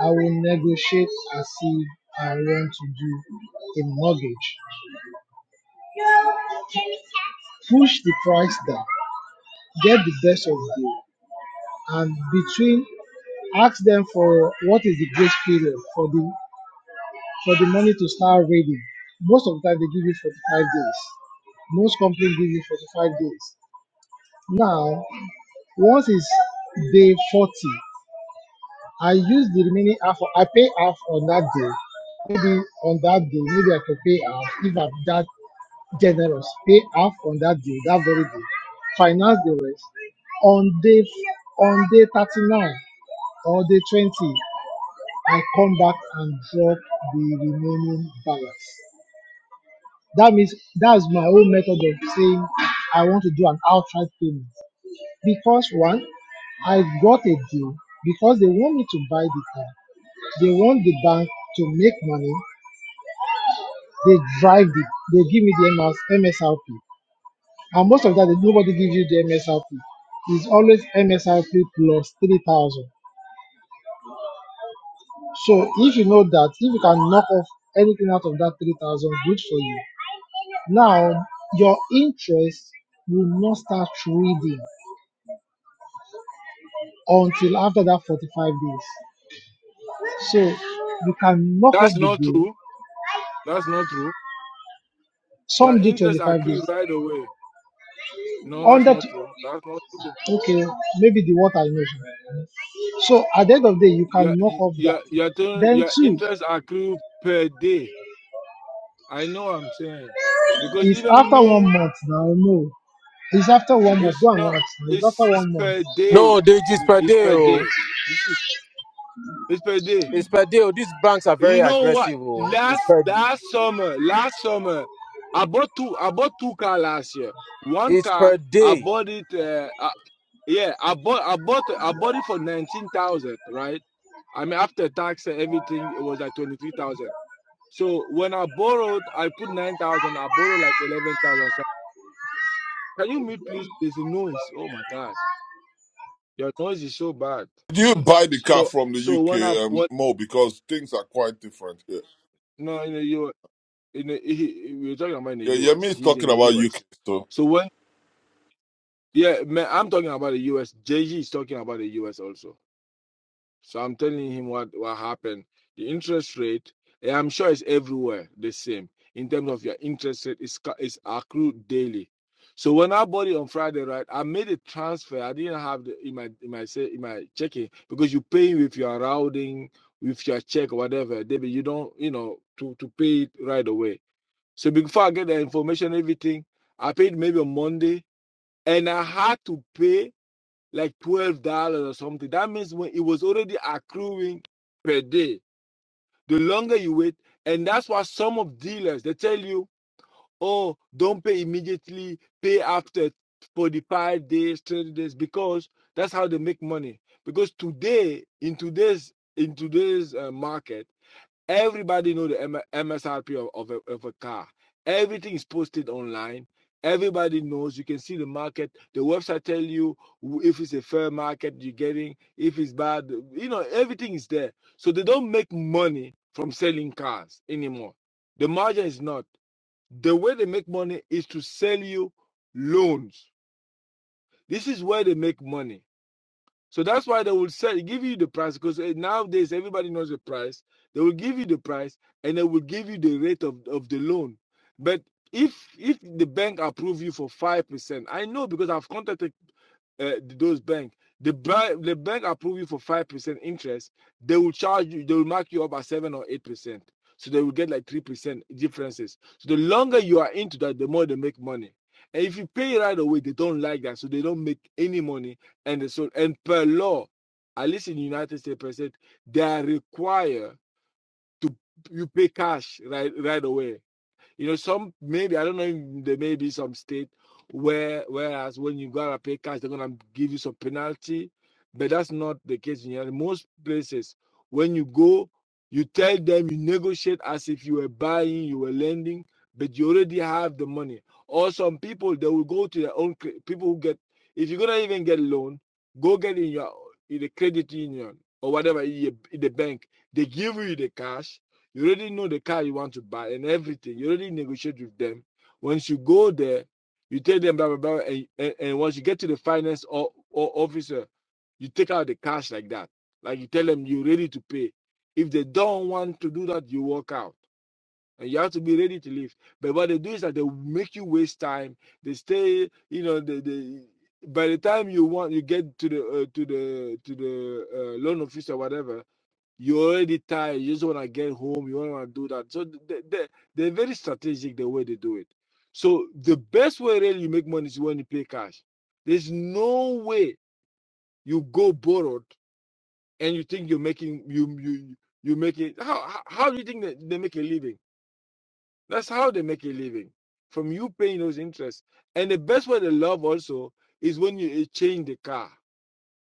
Speaker 7: I will negotiate as if I want to do a mortgage. Push the price down, get the best of the deal, and between Ask them for what is the grace period for the for the money to start reading. Most of the time they give you 45 days. Most companies give you 45 days. Now, once it's day 40, I use the remaining half. I pay half on that day. Maybe on that day, maybe I can pay half if I'm that generous. Pay half on that day, that very day. Finance the rest on day on day 39 or day 20. and come back and drop the remaining balance. That means that's my own method of saying I want to do an outright payment because one, I got a deal because they want me to buy the car. They want the bank to make money. They drive it. They give me the MS, MSRP, and most of that nobody gives you the MSRP. It's always MSRP plus three thousand. So if you know that, if you can knock off anything out of that three thousand, good for you. Now, your interest will not start reading until after that 45 days. So you can knock off
Speaker 6: That's
Speaker 7: the
Speaker 6: not
Speaker 7: bill.
Speaker 6: true. That's not true. Your
Speaker 7: Some do
Speaker 6: interests are
Speaker 7: 25 days.
Speaker 6: accrued right away. No,
Speaker 7: On
Speaker 6: that's
Speaker 7: that,
Speaker 6: not true. That's not true.
Speaker 7: okay, maybe the water you know. So at the end of the day, you
Speaker 6: Your
Speaker 7: can knock off that.
Speaker 6: your your, turn,
Speaker 7: Then
Speaker 6: your
Speaker 7: two
Speaker 6: interests are accrued per day. I know what I'm saying because
Speaker 7: is
Speaker 6: even
Speaker 7: after
Speaker 6: me,
Speaker 7: one month now. No, it's after one month.
Speaker 6: it's
Speaker 7: Go and watch.
Speaker 6: not.
Speaker 7: It's
Speaker 6: It's
Speaker 7: after
Speaker 6: it's
Speaker 7: one month.
Speaker 6: per day.
Speaker 8: No, they just per
Speaker 6: It's
Speaker 8: day.
Speaker 6: per
Speaker 8: Oh.
Speaker 6: day. This is it's per day.
Speaker 8: It's per day. Oh. These banks are very
Speaker 6: You know what?
Speaker 8: aggressive. Oh. It's
Speaker 6: Last
Speaker 8: per
Speaker 6: last summer, last summer, I bought two. I bought two car last year. One
Speaker 8: it's
Speaker 6: car,
Speaker 8: per
Speaker 6: I
Speaker 8: day.
Speaker 6: bought it. Uh, uh, yeah, I bought. I bought. I bought it for nineteen thousand. Right. I mean, after tax and everything, it was like twenty three thousand. So when I borrowed, I put nine thousand. I borrowed like eleven thousand. So can you mute, please? There's a noise. Oh my God, your noise is so bad.
Speaker 9: Did you buy the car
Speaker 6: So
Speaker 9: from the
Speaker 6: so when I
Speaker 9: UK, um,
Speaker 6: what?
Speaker 9: Mo? Because things are quite different here.
Speaker 6: No, no, you. in the, he, we we're talking about in the
Speaker 9: Yeah, Yemi
Speaker 6: US.
Speaker 9: is
Speaker 6: He's in
Speaker 9: talking
Speaker 6: the
Speaker 9: about UK.
Speaker 6: US.
Speaker 9: So
Speaker 6: So when yeah, man, I'm talking about the US. JG is talking about the US also. So I'm telling him what what happened. The interest rate, eh, I'm sure it's everywhere the same in terms of your interest rate it's it's accrued daily. So when I bought it on Friday, right, I made a transfer. I didn't have the in my in my say in my checking because you pay with your routing, with your check, or whatever, David. You don't, you know, to to pay it right away. So before I get the information, everything, I paid maybe on Monday, and I had to pay like twelve dollars or something. That means when it was already accruing per day. The longer you wait, and that's why some of dealers they tell you, oh, don't pay immediately, pay after 45 days, 30 days, because that's how they make money. Because today, in today's in today's uh, market Everybody knows the MSRP of, of, a, of a car. Everything is posted online. Everybody knows. You can see the market. The website tell you if it's a fair market you're getting, if it's bad. You know, everything is there. So they don't make money from selling cars anymore. The margin is not. The way they make money is to sell you loans. This is where they make money so that's why they will say, give you the price because eh, nowadays everybody knows the price. They will give you the price and they will give you the rate of, of the loan. But if if the bank approve you for five percent, I know because I've contacted uh, those bank, the bank the bank approve you for five percent interest, they will charge you, they will mark you up at seven or eight percent. So they will get like three percent differences. So the longer you are into that, the more they make money. And if you pay right away, they don't like that, so they don't make any money. And so and per law, at least in the United States, per se, they are required to you pay cash right right away you know, some maybe I don't know. There may be some state where whereas when you gotta pay cash, they're gonna give you some penalty, but that's not the case in here. Most places, when you go, you tell them you negotiate as if you were buying, you were lending, but you already have the money. Or some people they will go to their own people who get. If you're gonna even get a loan, go get in your in the credit union or whatever in the bank. They give you the cash you already know the car you want to buy and everything. You already negotiate with them. Once you go there, you tell them blah blah blah, and, and, and once you get to the finance or, or officer, you take out the cash like that. Like you tell them you're ready to pay. If they don't want to do that, you walk out. And you have to be ready to leave. But what they do is that they make you waste time. They stay, you know, they, they by the time you want you get to the uh, to the to the uh, loan office or whatever, you're already tired. You just want to get home. You want to do that. So they, they, they're very strategic the way they do it. So the best way really you make money is when you pay cash. There's no way you go borrowed and you think you're making you you you make it. How how how do you think that they make a living? That's how they make a living from you paying those interests. And the best way they love also is when you exchange the car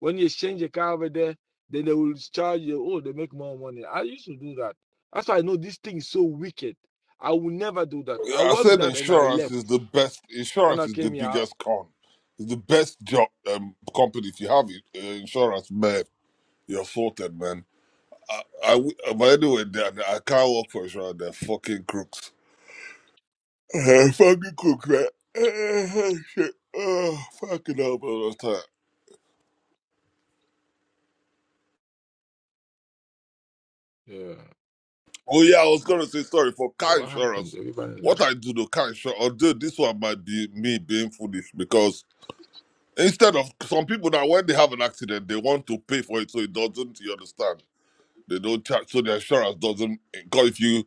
Speaker 6: when you exchange a car over there, then they will charge you, oh, they make more money. I used to do that. That's why I know this thing is so wicked. I will never do that. I
Speaker 9: yeah, I
Speaker 6: worked
Speaker 9: said
Speaker 6: that and I
Speaker 9: insurance is
Speaker 6: left.
Speaker 9: the best.
Speaker 6: When
Speaker 9: Insurance
Speaker 6: I
Speaker 9: is the
Speaker 6: came here, I-
Speaker 9: biggest con. It's the best job um, company. If you have it, uh, insurance, man, you're sorted, man. I w- uh, but anyway, they, are- I can't work for insurance. They're fucking crooks. [laughs] Uh, fucking crooks, man. [laughs] Uh, shit. Oh, fucking hell, man.
Speaker 6: yeah.
Speaker 9: Oh yeah, I was gonna say sorry for car
Speaker 6: What happened?
Speaker 9: insurance.
Speaker 6: Everybody
Speaker 9: What
Speaker 6: left.
Speaker 9: I do to car insurance, although this one might be me being foolish because instead of some people that when they have an accident, they want to pay for it, so it doesn't. You understand? They don't charge, so the insurance doesn't. Because if you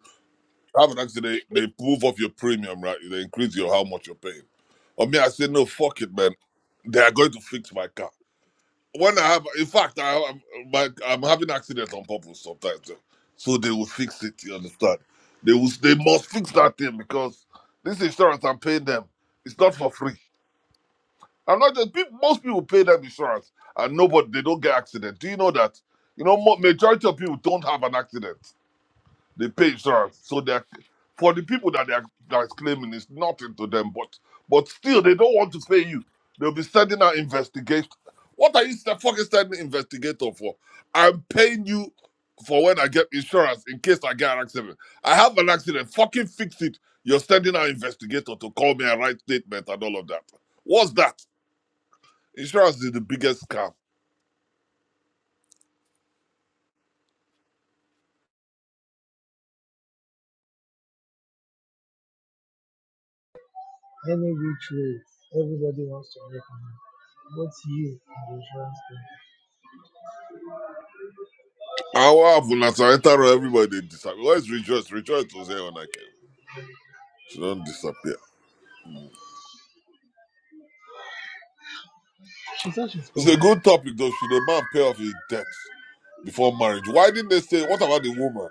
Speaker 9: have an accident, they move off your premium, right? They increase your how much you're paying. Or me, I say no, fuck it, man. They are going to fix my car when I have, in fact, I, I'm, my, I'm having accidents on purpose sometimes, eh, so they will fix it. You understand? They will, they must fix that thing because this insurance I'm paying them, it's not for free. I'm not just people, most people pay them insurance and nobody they don't get accident. Do you know that? You know, mo- majority of people don't have an accident. They pay insurance, so they're for the people that they're that's claiming it's nothing to them, but but still they don't want to pay you. They'll be sending out investigation. What are you st- fucking sending investigator for? I'm paying you for when I get insurance in case I get an accident. I have an accident. Fucking fix it. You're sending out investigator to call me and write statement and all of that. What's that? Insurance is the biggest scam.
Speaker 7: Any which way, everybody wants to make money. But you, and the insurance company.
Speaker 9: Our Vulnata, everybody they disappear. Where's Rejoice? Rejoice was here when I came. She don't disappear.
Speaker 7: She said she's
Speaker 9: It's a
Speaker 7: coming.
Speaker 9: good topic though. Should a man pay off his debts before marriage? Why didn't they say what about the woman?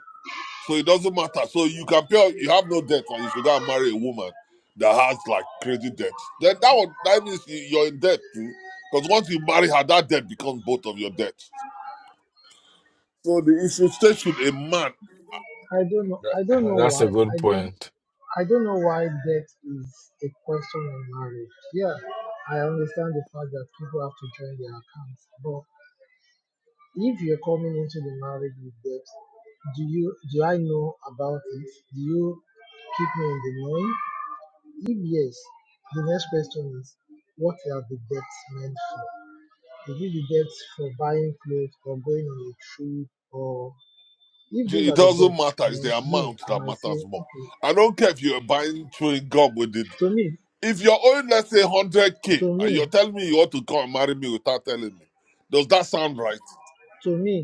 Speaker 9: So it doesn't matter. So you can pay off, you have no debt, and you should go and marry a woman that has like crazy debts. Then that one that means you- you're in debt too. Because once you marry her, that debt becomes both of your debts. So the issue state should a man
Speaker 7: I don't know.
Speaker 6: That-
Speaker 7: I don't
Speaker 6: [laughs]
Speaker 7: know
Speaker 6: That's a
Speaker 7: why.
Speaker 6: good
Speaker 7: I don't.
Speaker 6: point.
Speaker 7: I don't know why death is a question of marriage. Yeah, I understand the fact that people have to join their accounts, but if you're coming into the marriage with debt, do you do I know about it? Do you keep me in the knowing? If yes, the next question is, what are the debts meant for? Is it the debts for buying clothes or going on a trip or if those
Speaker 9: it
Speaker 7: are the
Speaker 9: doesn't
Speaker 7: debts,
Speaker 9: matter, it's
Speaker 7: then
Speaker 9: the
Speaker 7: me,
Speaker 9: amount
Speaker 7: I
Speaker 9: that
Speaker 7: might say,
Speaker 9: matters more.
Speaker 7: okay,
Speaker 9: I don't care if you're buying chewing gum with it.
Speaker 7: To me,
Speaker 9: If you're owed, let's say, 100K,
Speaker 7: to
Speaker 9: and
Speaker 7: me,
Speaker 9: you're telling me you want to come and marry me without telling me, does that sound right?
Speaker 7: to me,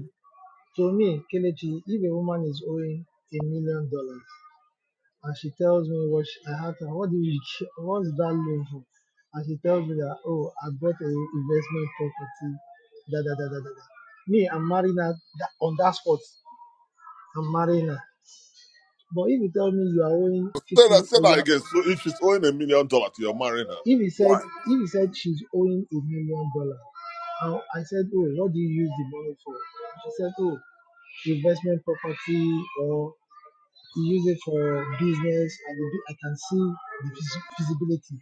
Speaker 7: to me, Kelechi, if a woman is owing a million dollars and she tells me what she, I have to, what do you, [laughs] what's that loan for? And she tells me that, oh, I bought an investment property, da da da da da da. Me, I'm marrying her that, on that spot. I'm marrying her. But if you tell me you are owing
Speaker 9: Say that,
Speaker 7: 50,
Speaker 9: say
Speaker 7: uh, you
Speaker 9: that
Speaker 7: are
Speaker 9: again. So if she's owing a million dollars, you're marrying her.
Speaker 7: If he said,
Speaker 9: Why?
Speaker 7: if he said she's owing a million dollars, I said, oh, what do you use the money for? She said, oh, investment property, or he used it for business, and I can see the feasibility.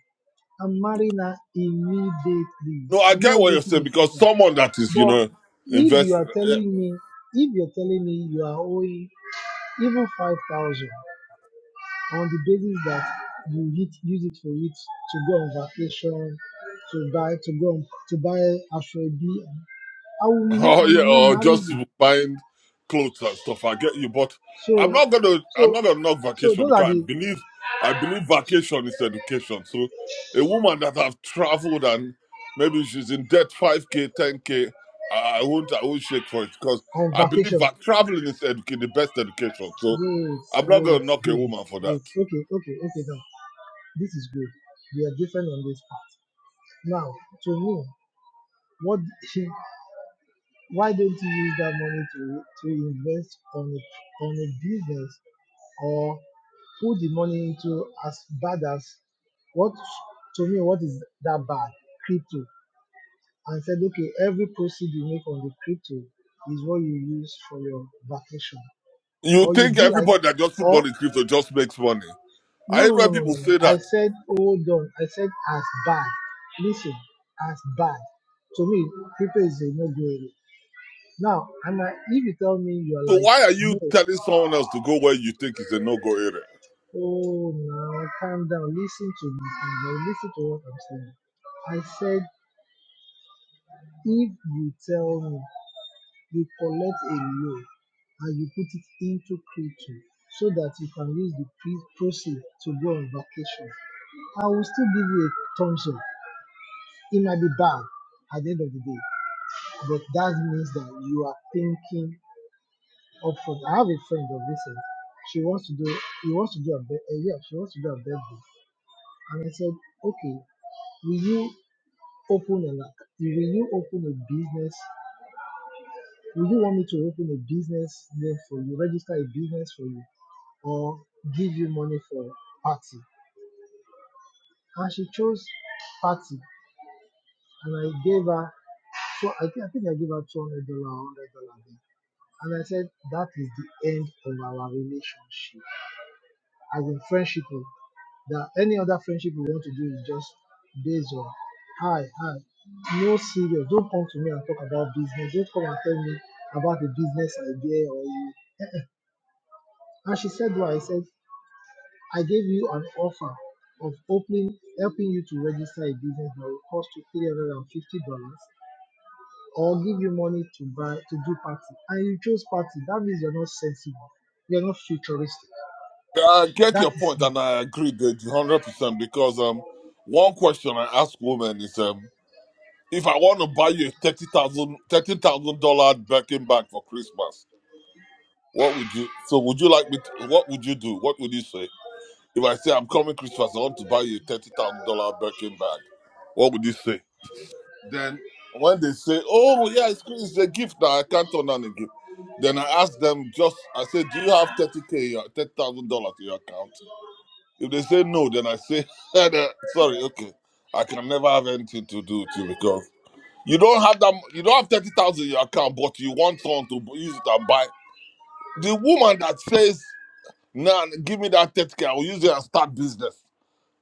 Speaker 7: I'm marrying her immediately.
Speaker 9: No, I
Speaker 7: I'm
Speaker 9: get
Speaker 7: not
Speaker 9: what you're
Speaker 7: waiting
Speaker 9: saying
Speaker 7: a
Speaker 9: because
Speaker 7: second.
Speaker 9: someone that is, you
Speaker 7: But
Speaker 9: know,
Speaker 7: if you
Speaker 9: investing.
Speaker 7: are telling me, if you're telling me you are owing even five thousand on the basis that you hit, use it for it to go on vacation, to buy to go on, to buy Ashwebi. I
Speaker 9: [laughs]
Speaker 7: will not.
Speaker 9: Oh
Speaker 7: I
Speaker 9: yeah,
Speaker 7: might not
Speaker 9: or
Speaker 7: marry
Speaker 9: just
Speaker 7: you.
Speaker 9: buying clothes and stuff. I get you, but I'm
Speaker 7: So,
Speaker 9: not gonna I'm
Speaker 7: so,
Speaker 9: not gonna knock
Speaker 7: so
Speaker 9: vacation
Speaker 7: those are
Speaker 9: because I
Speaker 7: the
Speaker 9: believe I believe vacation is education. So a woman that have traveled and maybe she's in debt five k, ten k, I I won't I won't shake for it because
Speaker 7: on
Speaker 9: I believe
Speaker 7: vacation.
Speaker 9: that traveling is educa- the best education. So
Speaker 7: Wait,
Speaker 9: I'm not
Speaker 7: wait,
Speaker 9: gonna knock a
Speaker 7: wait,
Speaker 9: woman for that.
Speaker 7: wait. Okay, okay, okay. Now this is good. We are different on this part. Now, to me, what? [laughs] Why don't you use that money to, to invest on a, on a business or put the money into as bad as what to me what is that bad crypto and said okay every proceed you make on the crypto is what you use for your vacation
Speaker 9: You
Speaker 7: or you
Speaker 9: think
Speaker 7: be like
Speaker 9: everybody that just put
Speaker 7: or
Speaker 9: money in crypto just makes money? I
Speaker 7: no
Speaker 9: hate
Speaker 7: no no
Speaker 9: when
Speaker 7: no
Speaker 9: people
Speaker 7: no no
Speaker 9: say
Speaker 7: i
Speaker 9: that.
Speaker 7: said hold on i said as bad listen as bad to me crypto is a no go area Now, and I, if you tell me you're
Speaker 9: So
Speaker 7: like,
Speaker 9: why are
Speaker 7: no,
Speaker 9: you telling someone else to go where you think is a no-go area?
Speaker 7: oh, now calm down, listen to me, calm down, listen to what I'm saying. I said, if you tell me you collect a loan and you put it into crypto so that you can use the pre- proceeds to go on vacation, I will still give you a thumbs up. It might be bad at the end of the day, but that means that you are thinking up front. I have a friend of recent. She wants to do he wants to do a bir- uh, yeah, she wants to do a birthday. And I said, Okay, will you open a like will you open a business? Will you want me to open a business name for you, register a business for you, or give you money for party? And she chose party and I gave her so I think I think I gave her two hundred dollar hundred dollar And I said that is the end of our relationship as in friendship. no. That any other friendship you want to do is just based on hi, hi. No serious. Don't come to me and talk about business. Don't come and tell me about the business idea or you. And she said, "Why?" I said, "I gave you an offer of opening, helping you to register a business that will cost you three hundred and fifty dollars, or give you money to buy to do party, and you chose party. That means you're not sensible. You're not futuristic.
Speaker 9: I get your
Speaker 7: That is
Speaker 9: point,
Speaker 7: me.
Speaker 9: and I agree that hundred percent. Because um, one question I ask women is um, if I want to buy you a thirty thousand thirteen thousand dollar Birkin bag for Christmas, what would you? So would you like me? To, what would you do? What would you say if I say I'm coming Christmas, I want to buy you a thirty thousand dollar Birkin bag? What would you say? Then when they say, "Oh yeah, it's, it's a gift that I can't turn down a gift," then I ask them just I say, "Do you have thirty k, thirty thousand dollars in your account?" If they say no, then I say, [laughs] "Then, "Sorry, okay, I can never have anything to do with you because you don't have that. You don't have thirty thousand in your account, but you want someone to bu- use it and buy." The woman that says, "Nah, give me that thirty k, I will use it and start business."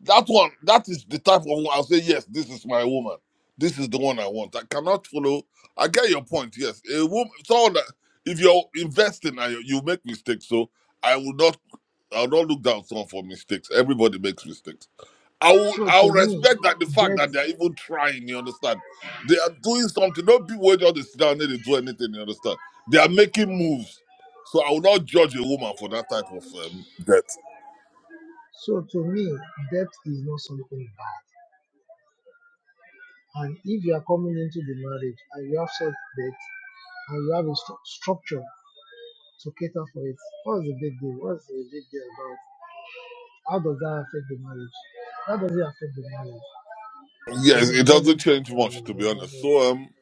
Speaker 9: That one, that is the type of one I'll say, yes, this is my woman. This is the one I want. I cannot follow. I get your point. Yes, a woman. Someone that if you're investing, and you you make mistakes. So I will not. I will not look down someone for mistakes. Everybody makes mistakes. I will.
Speaker 7: So
Speaker 9: I will
Speaker 7: to me,
Speaker 9: respect that the fact
Speaker 7: debt
Speaker 9: that they're even trying. You understand? They are doing something. do Not be waiting on just sit down and they do anything. You understand? They are making moves. So I will not judge a woman for that type of um, debt.
Speaker 7: So to me, debt is not something bad. And if you are coming into the marriage and you have such debt and you have a stru- structure to cater for it, what's the big deal? What's the big deal about? How does that affect the marriage? How does it affect the marriage? To me,
Speaker 9: Yes, it
Speaker 7: it
Speaker 9: doesn't
Speaker 7: doesn't.
Speaker 9: change
Speaker 7: uh, uh,
Speaker 9: much to be
Speaker 7: uh,
Speaker 9: honest.
Speaker 7: uh,
Speaker 9: So um,
Speaker 7: uh.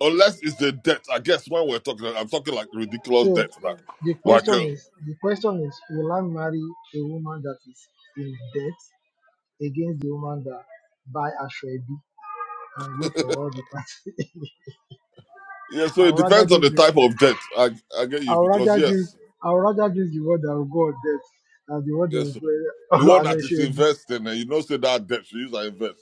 Speaker 9: unless it's the debt, I guess when we're talking, I'm talking like ridiculous
Speaker 7: So
Speaker 9: debt, like,
Speaker 7: the
Speaker 9: like
Speaker 7: question
Speaker 9: uh,
Speaker 7: is, the question is, will I marry a woman that is in debt against the woman that buy Ashwebi and go for all the party?
Speaker 9: yeah.
Speaker 7: [laughs]
Speaker 9: So
Speaker 7: I
Speaker 9: it
Speaker 7: would rather
Speaker 9: depends on
Speaker 7: choose
Speaker 9: the
Speaker 7: the
Speaker 9: type of debt. I I get
Speaker 7: I
Speaker 9: you
Speaker 7: would
Speaker 9: because
Speaker 7: rather choose
Speaker 9: yes,
Speaker 7: I would rather choose the word that will go on death than the word that
Speaker 9: yes, the
Speaker 7: will go [laughs]
Speaker 9: one
Speaker 7: on
Speaker 9: that is
Speaker 7: HAB.
Speaker 9: investing, and you know, say that debt, you use that invest.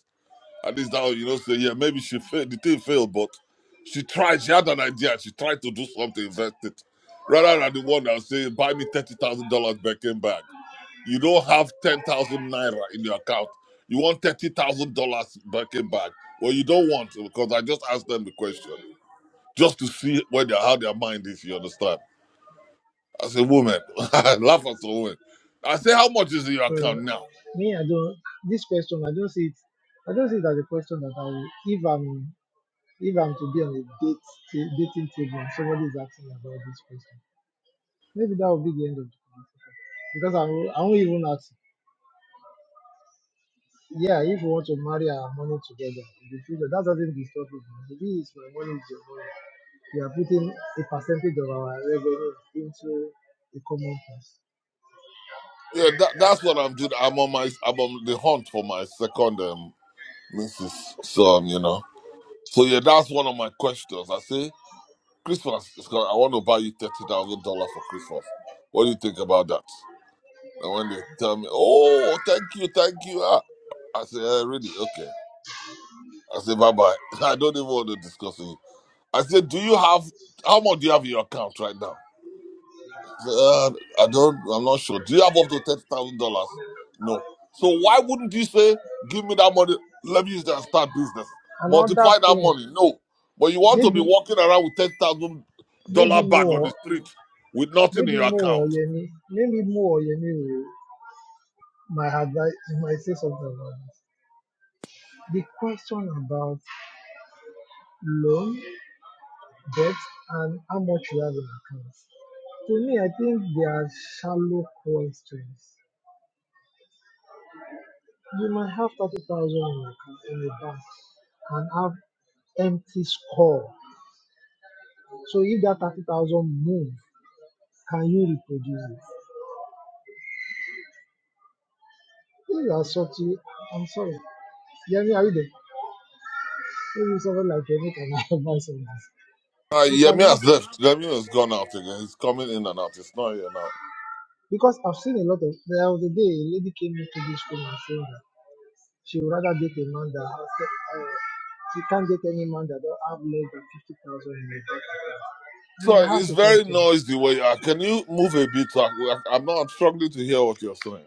Speaker 9: At least that, you know, say, yeah, maybe she failed. The thing failed, but she tried. She had an idea. She tried to do something, invest it. Rather than the one that say, buy me $30,000 Birkin bag. You don't have 10,000 Naira in your account. You want $30,000 Birkin bag. Well, you don't want to because I just asked them the question just to see where they how their mind is, you understand? As a woman, [laughs] I laugh at a woman. I say, how much is in your
Speaker 7: Uh,
Speaker 9: account now?
Speaker 7: me, I don't this question I don't see it I don't see it as a question that I will if I'm if I'm to be on a date ta- dating table and somebody is asking about this question. Maybe that will be the end of the conversation. Because I will, I won't even ask Yeah, if you want to marry our money together in the future, that doesn't disturb me. The thing is, my money is your money. We are putting a percentage of our revenue into the common cause.
Speaker 9: Yeah, that, that's what I'm doing. I'm on my, I'm on the hunt for my second. um, Mrs. Son, you know. So yeah, that's one of my questions. I say Christmas, it's gonna- I want to buy you thirty thousand dollars for Christmas. What do you think about that? And when they tell me, "Oh, thank you, thank you," ah, I say, eh, "Really? Okay." I say, "Bye bye." [laughs] I don't even want to discuss with you. I say, "Do you have how much do you have in your account right now?" Uh, I don't. I'm not sure. Do you have up to thirty thousand dollars? No. So why wouldn't you say, "Give me that money. Let me use that and start business.
Speaker 7: Another
Speaker 9: Multiply that
Speaker 7: thing,
Speaker 9: money." No. But you want to be
Speaker 7: maybe,
Speaker 9: walking around with ten thousand dollar
Speaker 7: maybe
Speaker 9: bag on the
Speaker 7: more,
Speaker 9: street with nothing in
Speaker 7: maybe
Speaker 9: your
Speaker 7: more,
Speaker 9: account.
Speaker 7: Yemi, maybe more, Yemi, will- my advice, you might say something about this. The question about loan, debt, and how much you have in account. To me, I think they are shallow questions You might have 30,000 in your account in your bank and have empty score. So if that 30,000 move, can you reproduce it? These are such. a- I'm sorry. Yemi, are you there? Maybe someone like Yemi can [laughs] advise on this.
Speaker 9: Uh,
Speaker 7: You
Speaker 9: Yemi
Speaker 7: can have,
Speaker 9: has left. Yemi has gone out again. He's coming in and out. It's not here now.
Speaker 7: because I've seen a lot of, there was a day a lady came into this room and said that she would rather date a man that has, uh, she can't date any man that don't have less than 50,000 in her bank.
Speaker 9: So
Speaker 7: And I
Speaker 9: it's
Speaker 7: asked a
Speaker 9: very
Speaker 7: question.
Speaker 9: noisy where you are. Can you move a bit? I- I'm not. I'm struggling to hear what you're saying.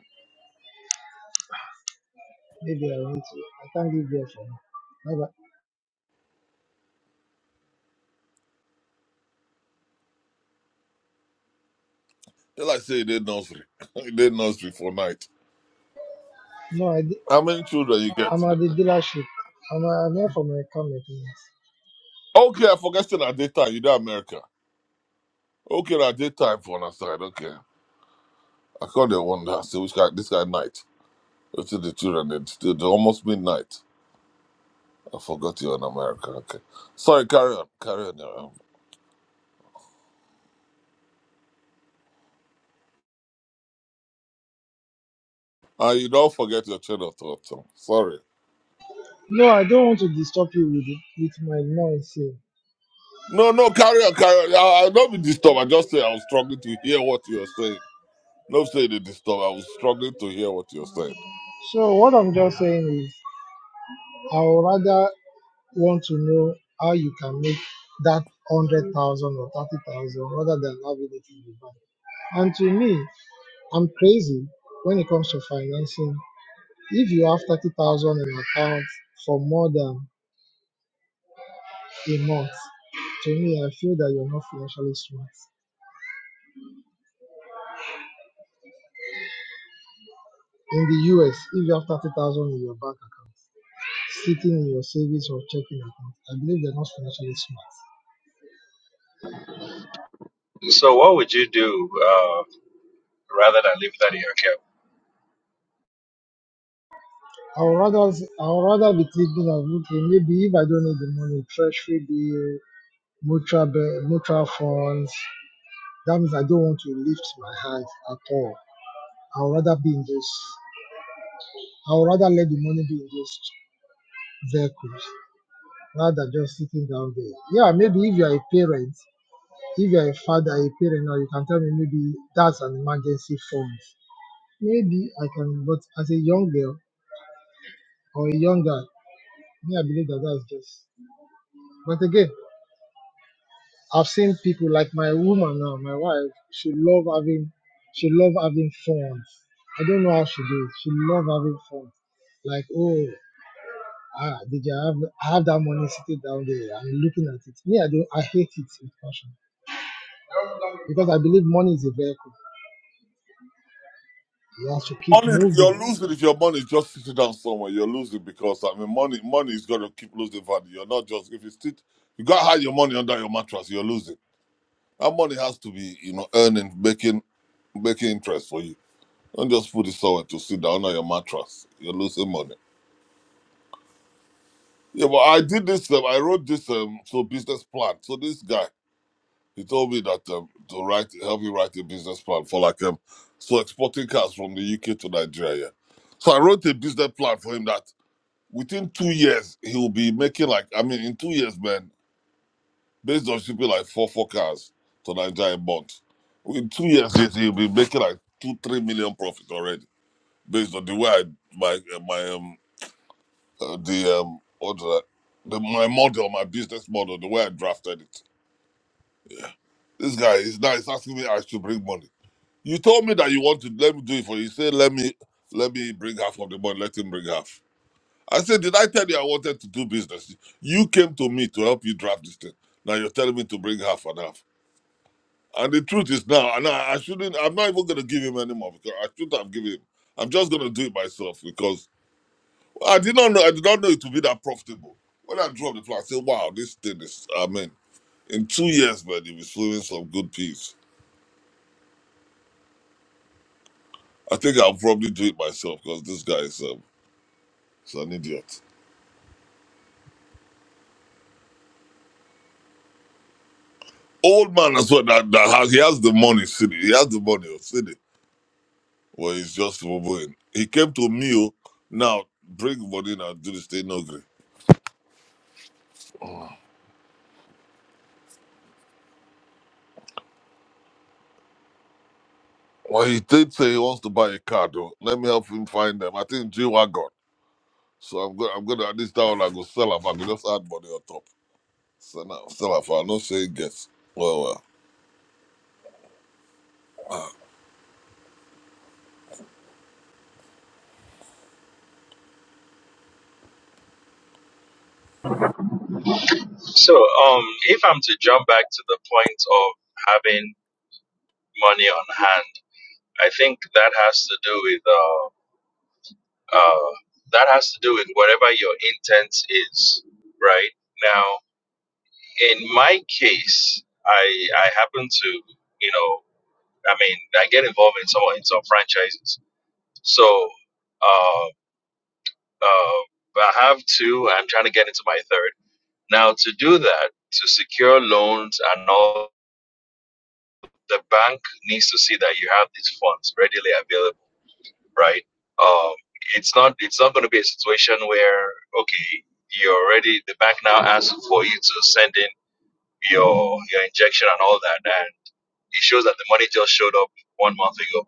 Speaker 7: Maybe I want to, I can't give you for now. Bye-bye.
Speaker 9: Like I say, they nursery. [laughs] they nursery for night.
Speaker 7: No, I di-
Speaker 9: How many children you
Speaker 7: I'm
Speaker 9: get?
Speaker 7: at the dealership. I'm, I'm here for my car maintenance.
Speaker 9: Okay, I forgot still at that time. You know America. Okay, at that time for on side. Okay, I called the wonder. See which guy? This guy night. It's the children. It's it's almost midnight. I forgot you in America. Okay, sorry. Carry on. Carry on. Aram. Uh, you don't forget your channel thought. So. Sorry.
Speaker 7: No, I don't want to disturb you with with my noise here.
Speaker 9: No, no. Carry on. Carry on. I, I don't be disturbed. I just say I was struggling to hear what you were saying. No, say they disturb. I was struggling to hear what you were saying.
Speaker 7: So what I'm just saying is, I would rather want to know how you can make that hundred thousand or thirty thousand rather than having it in the bank. And to me, I'm crazy when it comes to financing. If you have 30,000 in account for more than a month. To me, I feel that you're not financially smart. In the US, if you have 30,000 in your bank account, sitting in your savings or checking account, I believe they're not financially smart.
Speaker 10: So what would you do uh, rather than leave that in your care?
Speaker 7: I would rather, I would rather be thinking of, okay, maybe if I don't need the money, treasury bill, mutual, be- mutual funds, that means I don't want to lift my hand at all. I would rather be in those, I would rather let the money be in those vehicles rather than just sitting down there. Yeah, maybe if you are a parent, If you're a father, a parent, or you can tell me maybe that's an emergency fund. Maybe I can, but as a young girl or a young guy, me, I believe that that's just. But again, I've seen people like my woman now, my wife. She love having, she love having fun. I don't know how she do it. She love having fun. Like oh, ah, did you have I have that money sitting down there? I'm looking at it. Me, I don't. I hate it with passion because I believe money is a vehicle. You have to keep
Speaker 9: money,
Speaker 7: moving
Speaker 9: you're losing if your money is just sitting down somewhere. You're losing because I mean, money, money is gonna keep losing value. You're not just if you sit, you gotta hide your money under your mattress. You're losing. That money has to be, you know, earning, making, making interest for you. Don't just put it somewhere to sit down on your mattress. You're losing money. Yeah, but I did this. Um, I wrote this um, so business plan. So this guy, he told me that um, to write, help me write a business plan for like um, so exporting cars from the UK to Nigeria. So I wrote a business plan for him that within two years, he'll be making like I mean, in two years, man, based on shipping like four four cars to Nigeria a month. In two years, he- he'll be making like two three million profit already, based on the way I my uh, my um uh, the um what do I, the my model, my business model, the way I drafted it. This guy is now he's asking me I should bring money. You told me that you want to let me do it for you. You Say let me let me bring half of the money. Let him bring half. I said, Did I tell you I wanted to do business? You came to me to help you draft this thing. Now you're telling me to bring half and half. And the truth is now, and I, I shouldn't, I'm not even going to give him any more because I should have given him. I'm just going to do it myself because I did not know, I did not know it would be that profitable. When I dropped the plan, I said, Wow, this thing is, I mean, in two years, man, if it's doing some good piece, I think I'll probably do it myself because this guy is, um, is an idiot. Old man as well, that, that has, he has the money, city. He has the money, city Well, it's just Wobin. He came to me, oh, now bring money and do this thing, no gree. Well, he did say he wants to buy a car, though. Let me help him find them. I think G Wagon. So I'm going I'm going to, at this time, I go sell her. I go just add money on top. So now, sell her for, I'm not saying yes. Well, well.
Speaker 10: So um, if I'm to jump back to the point of having money on hand, I think that has to do with uh, uh, that has to do with whatever your intent is, right? Now, in my case, I I happen to you know I mean I get involved in some in some franchises, so uh, uh, I have two. I'm trying to get into my third Now, to do that, to secure loans and all, the bank needs to see that you have these funds readily available, right? Um, it's not it's not going to be a situation where okay, you already the bank now asks for you to send in your your injection and all that, and it shows that the money just showed up one month ago.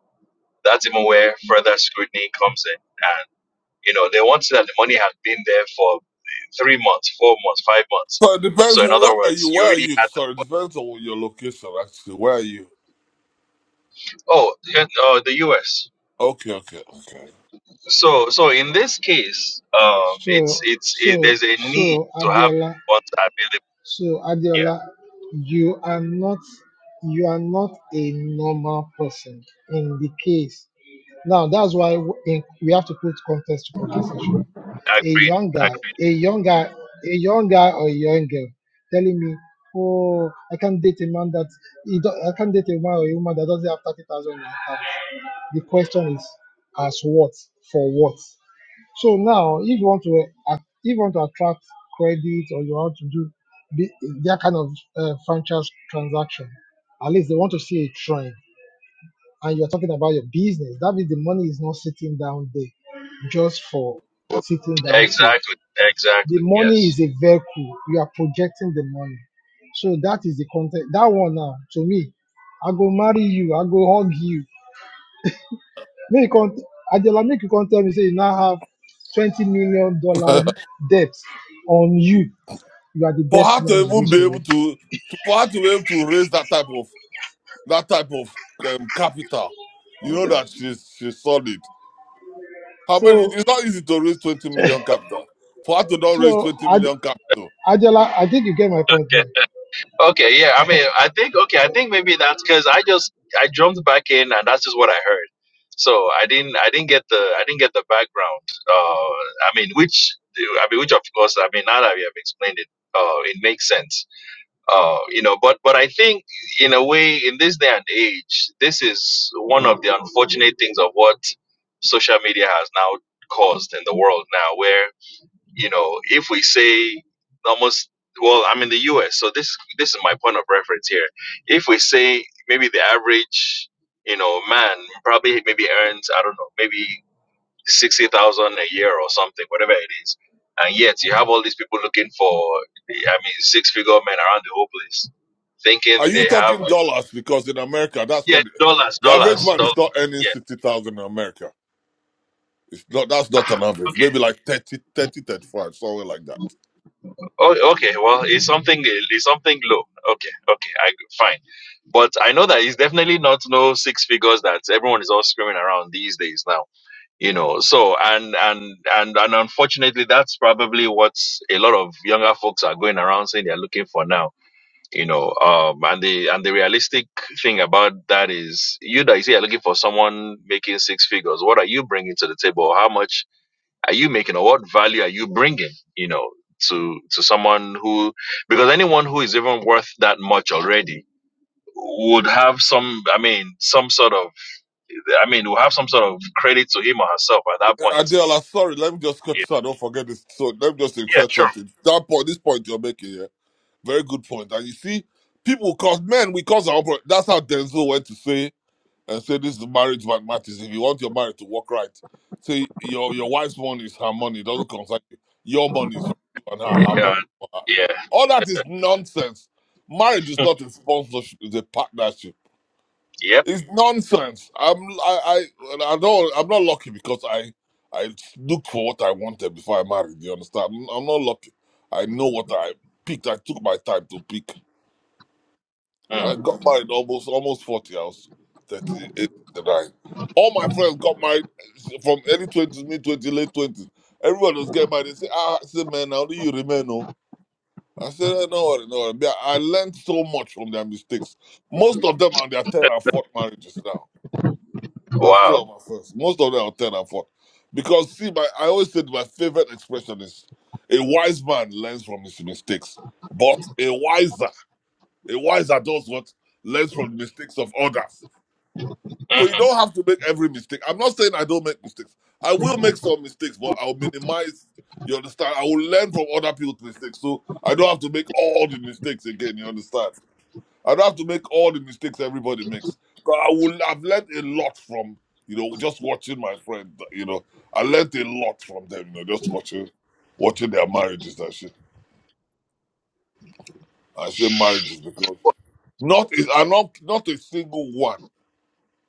Speaker 10: That's even where further scrutiny comes in, and you know they want to see that the money has been there for three months, four months, five months.
Speaker 9: So it depends
Speaker 10: So in
Speaker 9: on where
Speaker 10: other
Speaker 9: are
Speaker 10: words,
Speaker 9: you,
Speaker 10: you
Speaker 9: where are
Speaker 10: already
Speaker 9: you?
Speaker 10: had the
Speaker 9: Sorry, it depends on your location, actually. Where are you?
Speaker 10: Oh, yeah, uh, the U.S.
Speaker 9: Okay, okay, okay.
Speaker 10: So, so in this case, um, it's
Speaker 7: So,
Speaker 10: it's it,
Speaker 7: so,
Speaker 10: there's a need
Speaker 7: so,
Speaker 10: to have
Speaker 7: Adiola,
Speaker 10: what's available
Speaker 7: so,
Speaker 10: here.
Speaker 7: Adiola, you are not, you are not a normal person in the case. Now, that's why w- in, we have to put context to conversation. A
Speaker 10: Agreed.
Speaker 7: young guy,
Speaker 10: Agreed.
Speaker 7: a young guy, a young guy or a young girl telling me, oh, I can't date a man that, he do- I can't date a man or a woman that doesn't have 30,000 in her account. The question is, as what? For what? So now, if you want to uh, if you want to attract credit or you want to do the, that kind of uh, franchise transaction, at least they want to see a trend. And you're talking about your business. That means the money is not sitting down there just for sitting down sake.
Speaker 10: Exactly.
Speaker 7: The
Speaker 10: Exactly.
Speaker 7: money
Speaker 10: Yes.
Speaker 7: is a vehicle. You are projecting the money. So that is the content. That one now, to me, I go marry you. I go hug you Make you can't Adela, make you can't tell me say you now have twenty million dollar
Speaker 9: [laughs]
Speaker 7: debt on you. You are the
Speaker 9: for
Speaker 7: best
Speaker 9: her to
Speaker 7: man in
Speaker 9: even
Speaker 7: this
Speaker 9: be able
Speaker 7: world.
Speaker 9: to, for her to be able to raise that type of that type of um, capital, you know that she's she's solid. How many?
Speaker 7: So
Speaker 9: It's not easy to raise twenty million capital. For her to not raise
Speaker 7: so
Speaker 9: twenty
Speaker 7: Ad,
Speaker 9: million capital,
Speaker 7: Adela, I think you get my point
Speaker 10: Okay.
Speaker 7: now.
Speaker 10: Okay. Yeah. I mean, I think. Okay. I think maybe that's because I just I jumped back in and that's just what I heard. So I didn't I didn't get the I didn't get the background. Uh, I mean, which I mean, which of course I mean now that we have explained it, uh, it makes sense Uh, you know, but but I think in a way, in this day and age, this is one of the unfortunate things of what social media has now caused in the world now, where you know, if we say almost, well, I'm in the U.S., so this this is my point of reference here. If we say maybe the average, you know, man probably maybe earns I don't know maybe sixty thousand a year or something, whatever it is. And yet you have all these people looking for, I mean, six figure men around the whole place, thinking
Speaker 9: are you
Speaker 10: they have
Speaker 9: talking dollars? Because in America, that's
Speaker 10: yeah
Speaker 9: not the,
Speaker 10: dollars,
Speaker 9: the average
Speaker 10: dollars,
Speaker 9: man
Speaker 10: dollars.
Speaker 9: is not earning
Speaker 10: Yeah.
Speaker 9: sixty thousand in America. It's not that's not
Speaker 10: Ah,
Speaker 9: an average.
Speaker 10: Okay.
Speaker 9: Maybe like 30, 30 35, somewhere like that.
Speaker 10: Oh, okay. Well, it's something. It's something low. Okay. Okay. I fine. But I know that it's definitely not no six figures that everyone is all screaming around these days now. You know. So and and and and unfortunately, that's probably what a lot of younger folks are going around saying they're looking for now you know um and the and the realistic thing about that is you that you say you're looking for someone making six figures what are you bringing to the table how much are you making or what value are you bringing you know to to someone who because anyone who is even worth that much already would have some i mean some sort of i mean will have some sort of credit to him or herself at that
Speaker 9: Uh,
Speaker 10: point
Speaker 9: Adela, sorry, let me just cut you
Speaker 10: yeah,
Speaker 9: Don't forget this. So let me just
Speaker 10: yeah
Speaker 9: insert
Speaker 10: sure
Speaker 9: something. That point, this point you're making here, very good point. And you see, people cause men, we cause our. That's how Denzel went to say and say this is marriage that matters. If you want your marriage to work right, say your your wife's money is her money. It doesn't concern you. Your money is for you and her, her money
Speaker 10: yeah
Speaker 9: is for her.
Speaker 10: yeah
Speaker 9: All that is nonsense. Marriage is not a sponsorship; it's a partnership.
Speaker 10: yep
Speaker 9: It's nonsense. I'm I I, I don't I'm not lucky because I I looked for what I wanted before I married. You understand? I'm, I'm not lucky. I know what I picked. I took my time to pick. I
Speaker 10: Mm.
Speaker 9: got married almost almost forty. I was 38, 39. All my friends got married eh, from early twenties, mid twenties, late twenties. Everyone was getting married. They say, "Ah, I said, man, how do you remain?" No, I said, "Eh, "No worry, no worry." Yeah, I learned so much from their mistakes. Most of them are their third and fourth marriages now. I'm
Speaker 10: wow
Speaker 9: still on my first. Most of them are third and fourth because see, my I always said my favorite expression is, "A wise man learns from his mistakes, but a wiser." A wise adult what learns from the mistakes of others. So you don't have to make every mistake. I'm not saying I don't make mistakes. I will make some mistakes, but I'll minimize. You understand? I will learn from other people's mistakes, so I don't have to make all the mistakes again. You understand? I don't have to make all the mistakes everybody makes, but I will. I've learned a lot from you know just watching my friend. You know, I learned a lot from them. You know, just watching watching their marriages and shit. I say marriages because not is are not not a single one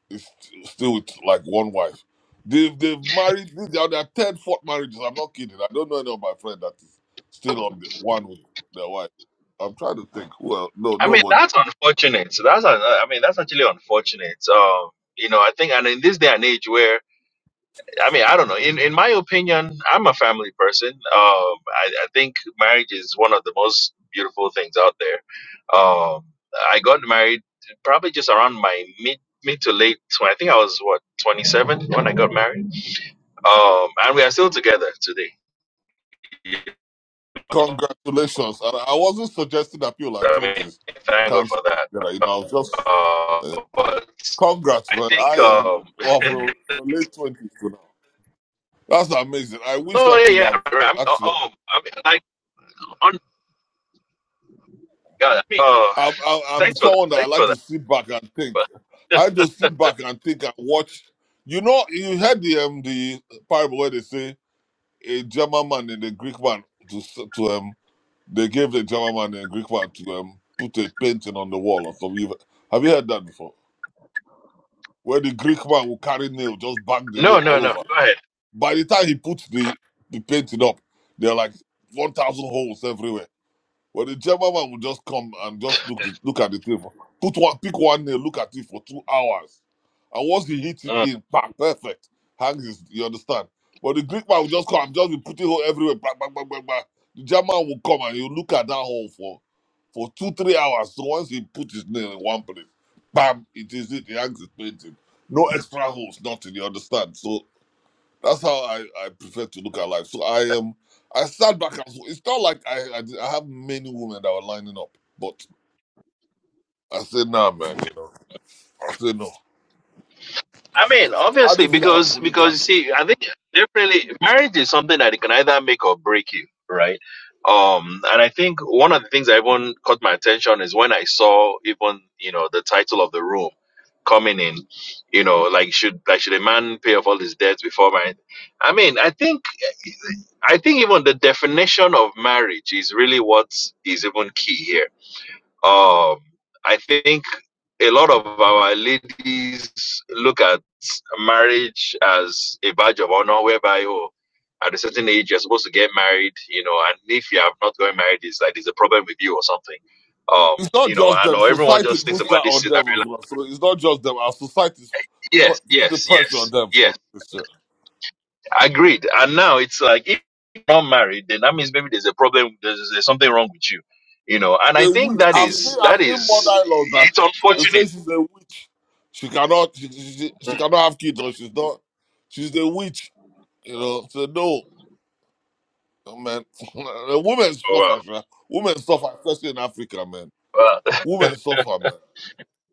Speaker 9: is still with like one wife. They've they've married. These are their third, fourth marriages. I'm not kidding. I don't know any of my friends that is still on the one with their wife. I'm trying to think. Well, no,
Speaker 10: I mean,
Speaker 9: nobody.
Speaker 10: that's unfortunate. So that's, uh, I mean, that's actually unfortunate. Um, you know, I think, and in this day and age where, I mean, I don't know, in, in my opinion, I'm a family person. Um, I, I think marriage is one of the most beautiful things out there. Um, I got married probably just around my mid, mid to late, tw- I think I was what, 27 when I got married. Um, and we are still together today.
Speaker 9: Congratulations. And I wasn't suggesting that people at
Speaker 10: I mean,
Speaker 9: twenties
Speaker 10: thank God
Speaker 9: can't stay
Speaker 10: for that.
Speaker 9: together. You know, I was just
Speaker 10: Uh,
Speaker 9: uh,
Speaker 10: but
Speaker 9: congrats,
Speaker 10: I
Speaker 9: man.
Speaker 10: think,
Speaker 9: I am
Speaker 10: um, [laughs]
Speaker 9: well from the late twenties to now. That's amazing. I wish
Speaker 10: No,
Speaker 9: I
Speaker 10: yeah,
Speaker 9: could
Speaker 10: yeah.
Speaker 9: have.
Speaker 10: I mean,
Speaker 9: actually.
Speaker 10: oh, I mean, like, on, God, I mean, uh,
Speaker 9: I, I, I'm
Speaker 10: thanks for that.
Speaker 9: someone that I
Speaker 10: Thanks
Speaker 9: like
Speaker 10: for
Speaker 9: to
Speaker 10: that.
Speaker 9: sit back and think.
Speaker 10: But
Speaker 9: I just sit back and think and watch. You know, you heard the um, the parable where they say a German man and a Greek man to s- to um they gave the German man and a Greek man to um put a painting on the wall or something. You've- Have you heard that before? Where the Greek man will carry nail, just bang the
Speaker 10: no,
Speaker 9: nail
Speaker 10: no,
Speaker 9: all
Speaker 10: no.
Speaker 9: over.
Speaker 10: Go ahead.
Speaker 9: By the time he puts the the painting up, there are like one thousand holes everywhere but the chairman will just come and just look the, look at the thing. For, put one, pick one nail, look at it for two hours, and once he hits it
Speaker 10: Mm.
Speaker 9: in, bang, perfect, hangs his. You understand? But the Greek man will just come, and just be putting hole everywhere, bang, bang, bang, bang, bang. The German will come and he'll look at that hole for for two, three hours. So once he put his nail in one place, bam, it is it. He hangs his painting. No extra holes, nothing. You understand? So that's how I, I prefer to look at life. So I um I sat back and so it's not like I, I did- I have many women that were lining up, but I said nah, man. You know, I said no.
Speaker 10: I mean,
Speaker 9: How do
Speaker 10: obviously,
Speaker 9: you feel about
Speaker 10: because because you
Speaker 9: polygamy?
Speaker 10: see, I think definitely marriage is something that it can either make or break you, right? Um, and I think one of the things that even caught my attention is when I saw even you know the title of the room coming in, you know, like should like should a man pay off all his debts before marriage? I mean, I think I think even the definition of marriage is really what is even key here. Um, I think a lot of our ladies look at marriage as a badge of honor, whereby oh, at a certain age you're supposed to get married, you know, and if you have not gotten married, it's like there's a problem with you or something. Um,
Speaker 9: It's not
Speaker 10: you know,
Speaker 9: just
Speaker 10: I
Speaker 9: them.
Speaker 10: know everyone
Speaker 9: Society
Speaker 10: just thinks
Speaker 9: puts that
Speaker 10: about this
Speaker 9: on
Speaker 10: thing and
Speaker 9: them as well. So it's not just them. Our society
Speaker 10: yes,
Speaker 9: put the
Speaker 10: yes,
Speaker 9: pressure on
Speaker 10: yes,
Speaker 9: them
Speaker 10: yes.
Speaker 9: for this shit.
Speaker 10: Agreed. And now it's like if you're not married, then that means maybe there's a problem. There's, there's something wrong with you, you know. And I
Speaker 9: The
Speaker 10: think
Speaker 9: witch.
Speaker 10: that
Speaker 9: I've seen
Speaker 10: is that
Speaker 9: I've seen more
Speaker 10: is
Speaker 9: dialogue that
Speaker 10: it's
Speaker 9: they say
Speaker 10: unfortunate.
Speaker 9: she's a witch. She cannot she, she, she she
Speaker 10: Mm.
Speaker 9: cannot have kids or she's not. She's a witch. You know. So no. Oh, man, [laughs] women
Speaker 10: Oh,
Speaker 9: suffer, sha. women suffer, especially in Africa, man.
Speaker 10: wow. Wow.
Speaker 9: Women suffer, man.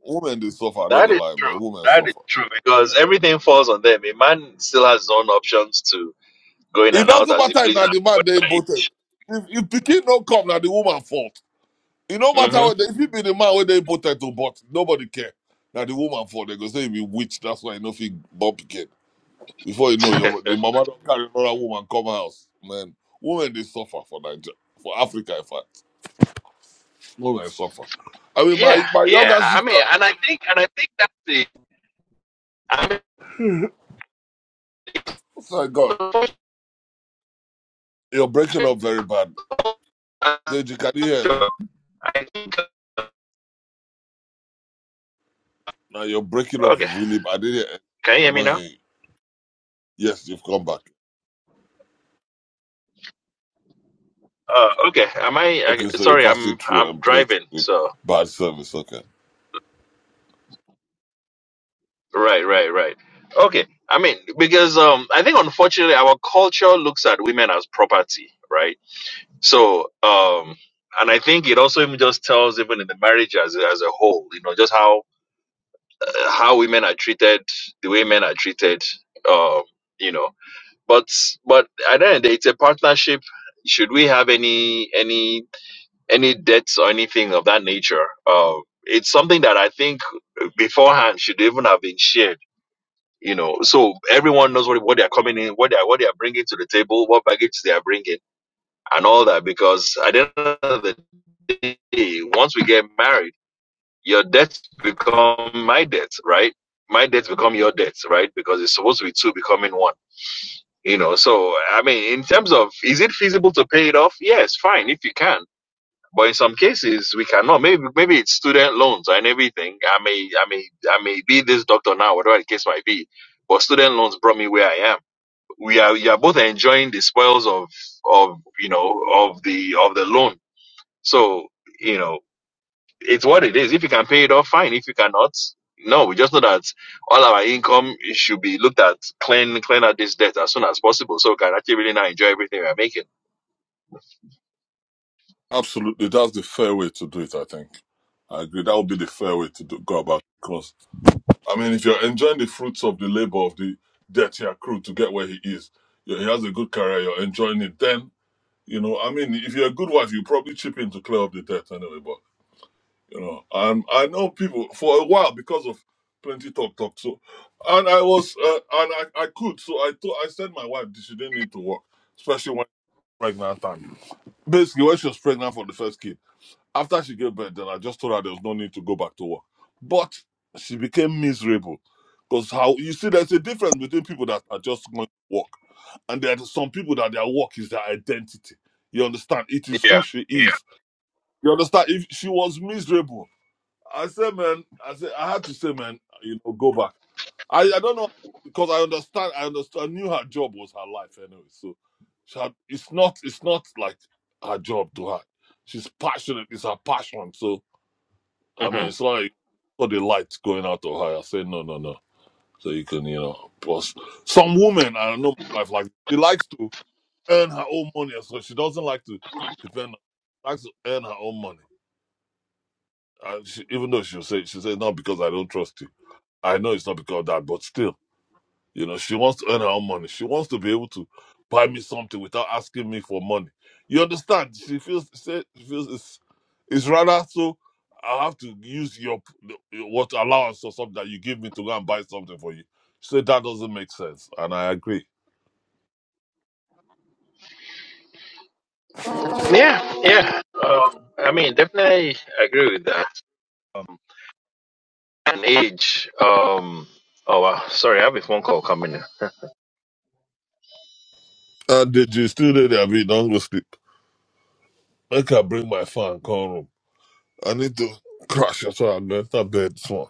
Speaker 9: Women they suffer.
Speaker 10: [laughs]
Speaker 9: I don't
Speaker 10: that
Speaker 9: go
Speaker 10: is
Speaker 9: lie, man.
Speaker 10: true.
Speaker 9: Women
Speaker 10: That is
Speaker 9: suffer.
Speaker 10: true because everything falls on them. A man still has his own options to go in
Speaker 9: It
Speaker 10: and out
Speaker 9: doesn't
Speaker 10: as he
Speaker 9: matter if na
Speaker 10: pleases.
Speaker 9: the man they impotent. If if pikin don't come, now the woman fault. It no matter
Speaker 10: Mm-hmm.
Speaker 9: what. If it be the man where they impotent to but nobody care. Now the woman fault. They go say if be witch. That's why you know fit born pikin. Before you know,
Speaker 10: [laughs]
Speaker 9: your the mama don't carry another woman come house, man. Women they suffer for Nigeria, for Africa, in fact. Women suffer. I mean, my
Speaker 10: Yeah,
Speaker 9: my
Speaker 10: yeah.
Speaker 9: younger
Speaker 10: I mean,
Speaker 9: sister.
Speaker 10: and I think, and I think that's the. I
Speaker 9: Thank God. You're breaking up very bad. Deji, can you hear him?
Speaker 10: mean, I think.
Speaker 9: Now you're breaking up
Speaker 10: Okay,
Speaker 9: really bad. I didn't hear
Speaker 10: can you hear
Speaker 9: I'm
Speaker 10: me
Speaker 9: not
Speaker 10: now?
Speaker 9: hearing. Yes, you've come back.
Speaker 10: Uh, okay. Am I,
Speaker 9: Okay,
Speaker 10: I?
Speaker 9: so you're
Speaker 10: Sorry,
Speaker 9: passing
Speaker 10: I'm
Speaker 9: through
Speaker 10: I'm
Speaker 9: and playing
Speaker 10: driving.
Speaker 9: good.
Speaker 10: So
Speaker 9: Bad service, okay.
Speaker 10: right, right, right. Okay. I mean, because um, I think unfortunately our culture looks at women as property, right? So um, and I think it also even just tells even in the marriage as as a whole, you know, just how uh, how women are treated, the way men are treated, um, you know. But but at the end of the day, it's a partnership. Should we have any any any debts or anything of that nature? Um, it's something that I think beforehand should even have been shared. You know, so everyone knows what, what they are coming in, what they are what they are bringing to the table, what baggage they are bringing, and all that. Because at the end of the day, once we get married, your debts become my debts, right? My debts become your debts, right? Because it's supposed to be two becoming one. You know, so I mean, in terms of is it feasible to pay it off? Yes, fine if you can. But in some cases, we cannot. Maybe maybe it's student loans and everything. I may I may I may be this doctor now, whatever the case might be. But student loans brought me where I am. We are we are both enjoying the spoils of of you know of the of the loan. So you know it's what it is. If you can pay it off, fine. If you cannot, no. We just know that all our income should be looked at clean clean out this debt as soon as possible, so we can actually really now enjoy everything we are making.
Speaker 9: Absolutely, that's the fair way to do it. I think I agree. That would be the fair way to do, go about. it. Because I mean, if you're enjoying the fruits of the labor of the debt he accrued to get where he is, you- he has a good career. You're enjoying it. Then you know, I mean, if you're a good wife, you probably chip in to clear up the debt anyway. you know and i know people for a while because of plenty talk talk so and i was uh, and I, I could so i thought i said my wife that she didn't need to work especially when pregnant time basically when she was pregnant for the first kid after she gave birth then i just told her there was no need to go back to work but she became miserable because how you see there's a difference between people that are just going to work and there are some people that their work is their identity you understand it is
Speaker 10: Yeah.
Speaker 9: who she
Speaker 10: Yeah.
Speaker 9: is you understand if she was miserable I said, man, I said, I had to say, man, you know, go back. I, I don't know because I understand. I understand. I knew her job was her life anyway. So she had, it's not. It's not like her job to her. She's passionate. It's her passion. So I mean,
Speaker 10: Mhm.
Speaker 9: it's like for the light going out of her. I say no, no, no. So you can, you know, plus some women. I know my wife like she likes to earn her own money, so she doesn't like to depend. on Likes to earn her own money, and she, even though she'll say she said no because I don't trust you. I know it's not because of that, but still, you know, she wants to earn her own money. She wants to be able to buy me something without asking me for money. You understand? She feels say- she feels it's it's rather so. I have to use your what allowance or something that you give me to go and buy something for you. She said that doesn't make sense, and I agree.
Speaker 10: Yeah, yeah. Um, I mean, definitely agree with that. Um, and age. Um, oh wow, sorry, I have a phone call coming in.
Speaker 9: And did you still there? there, Abi? Don't go sleep. I can bring my fan come room. I need to crash. That's why I'm going to bed.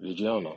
Speaker 8: Regina.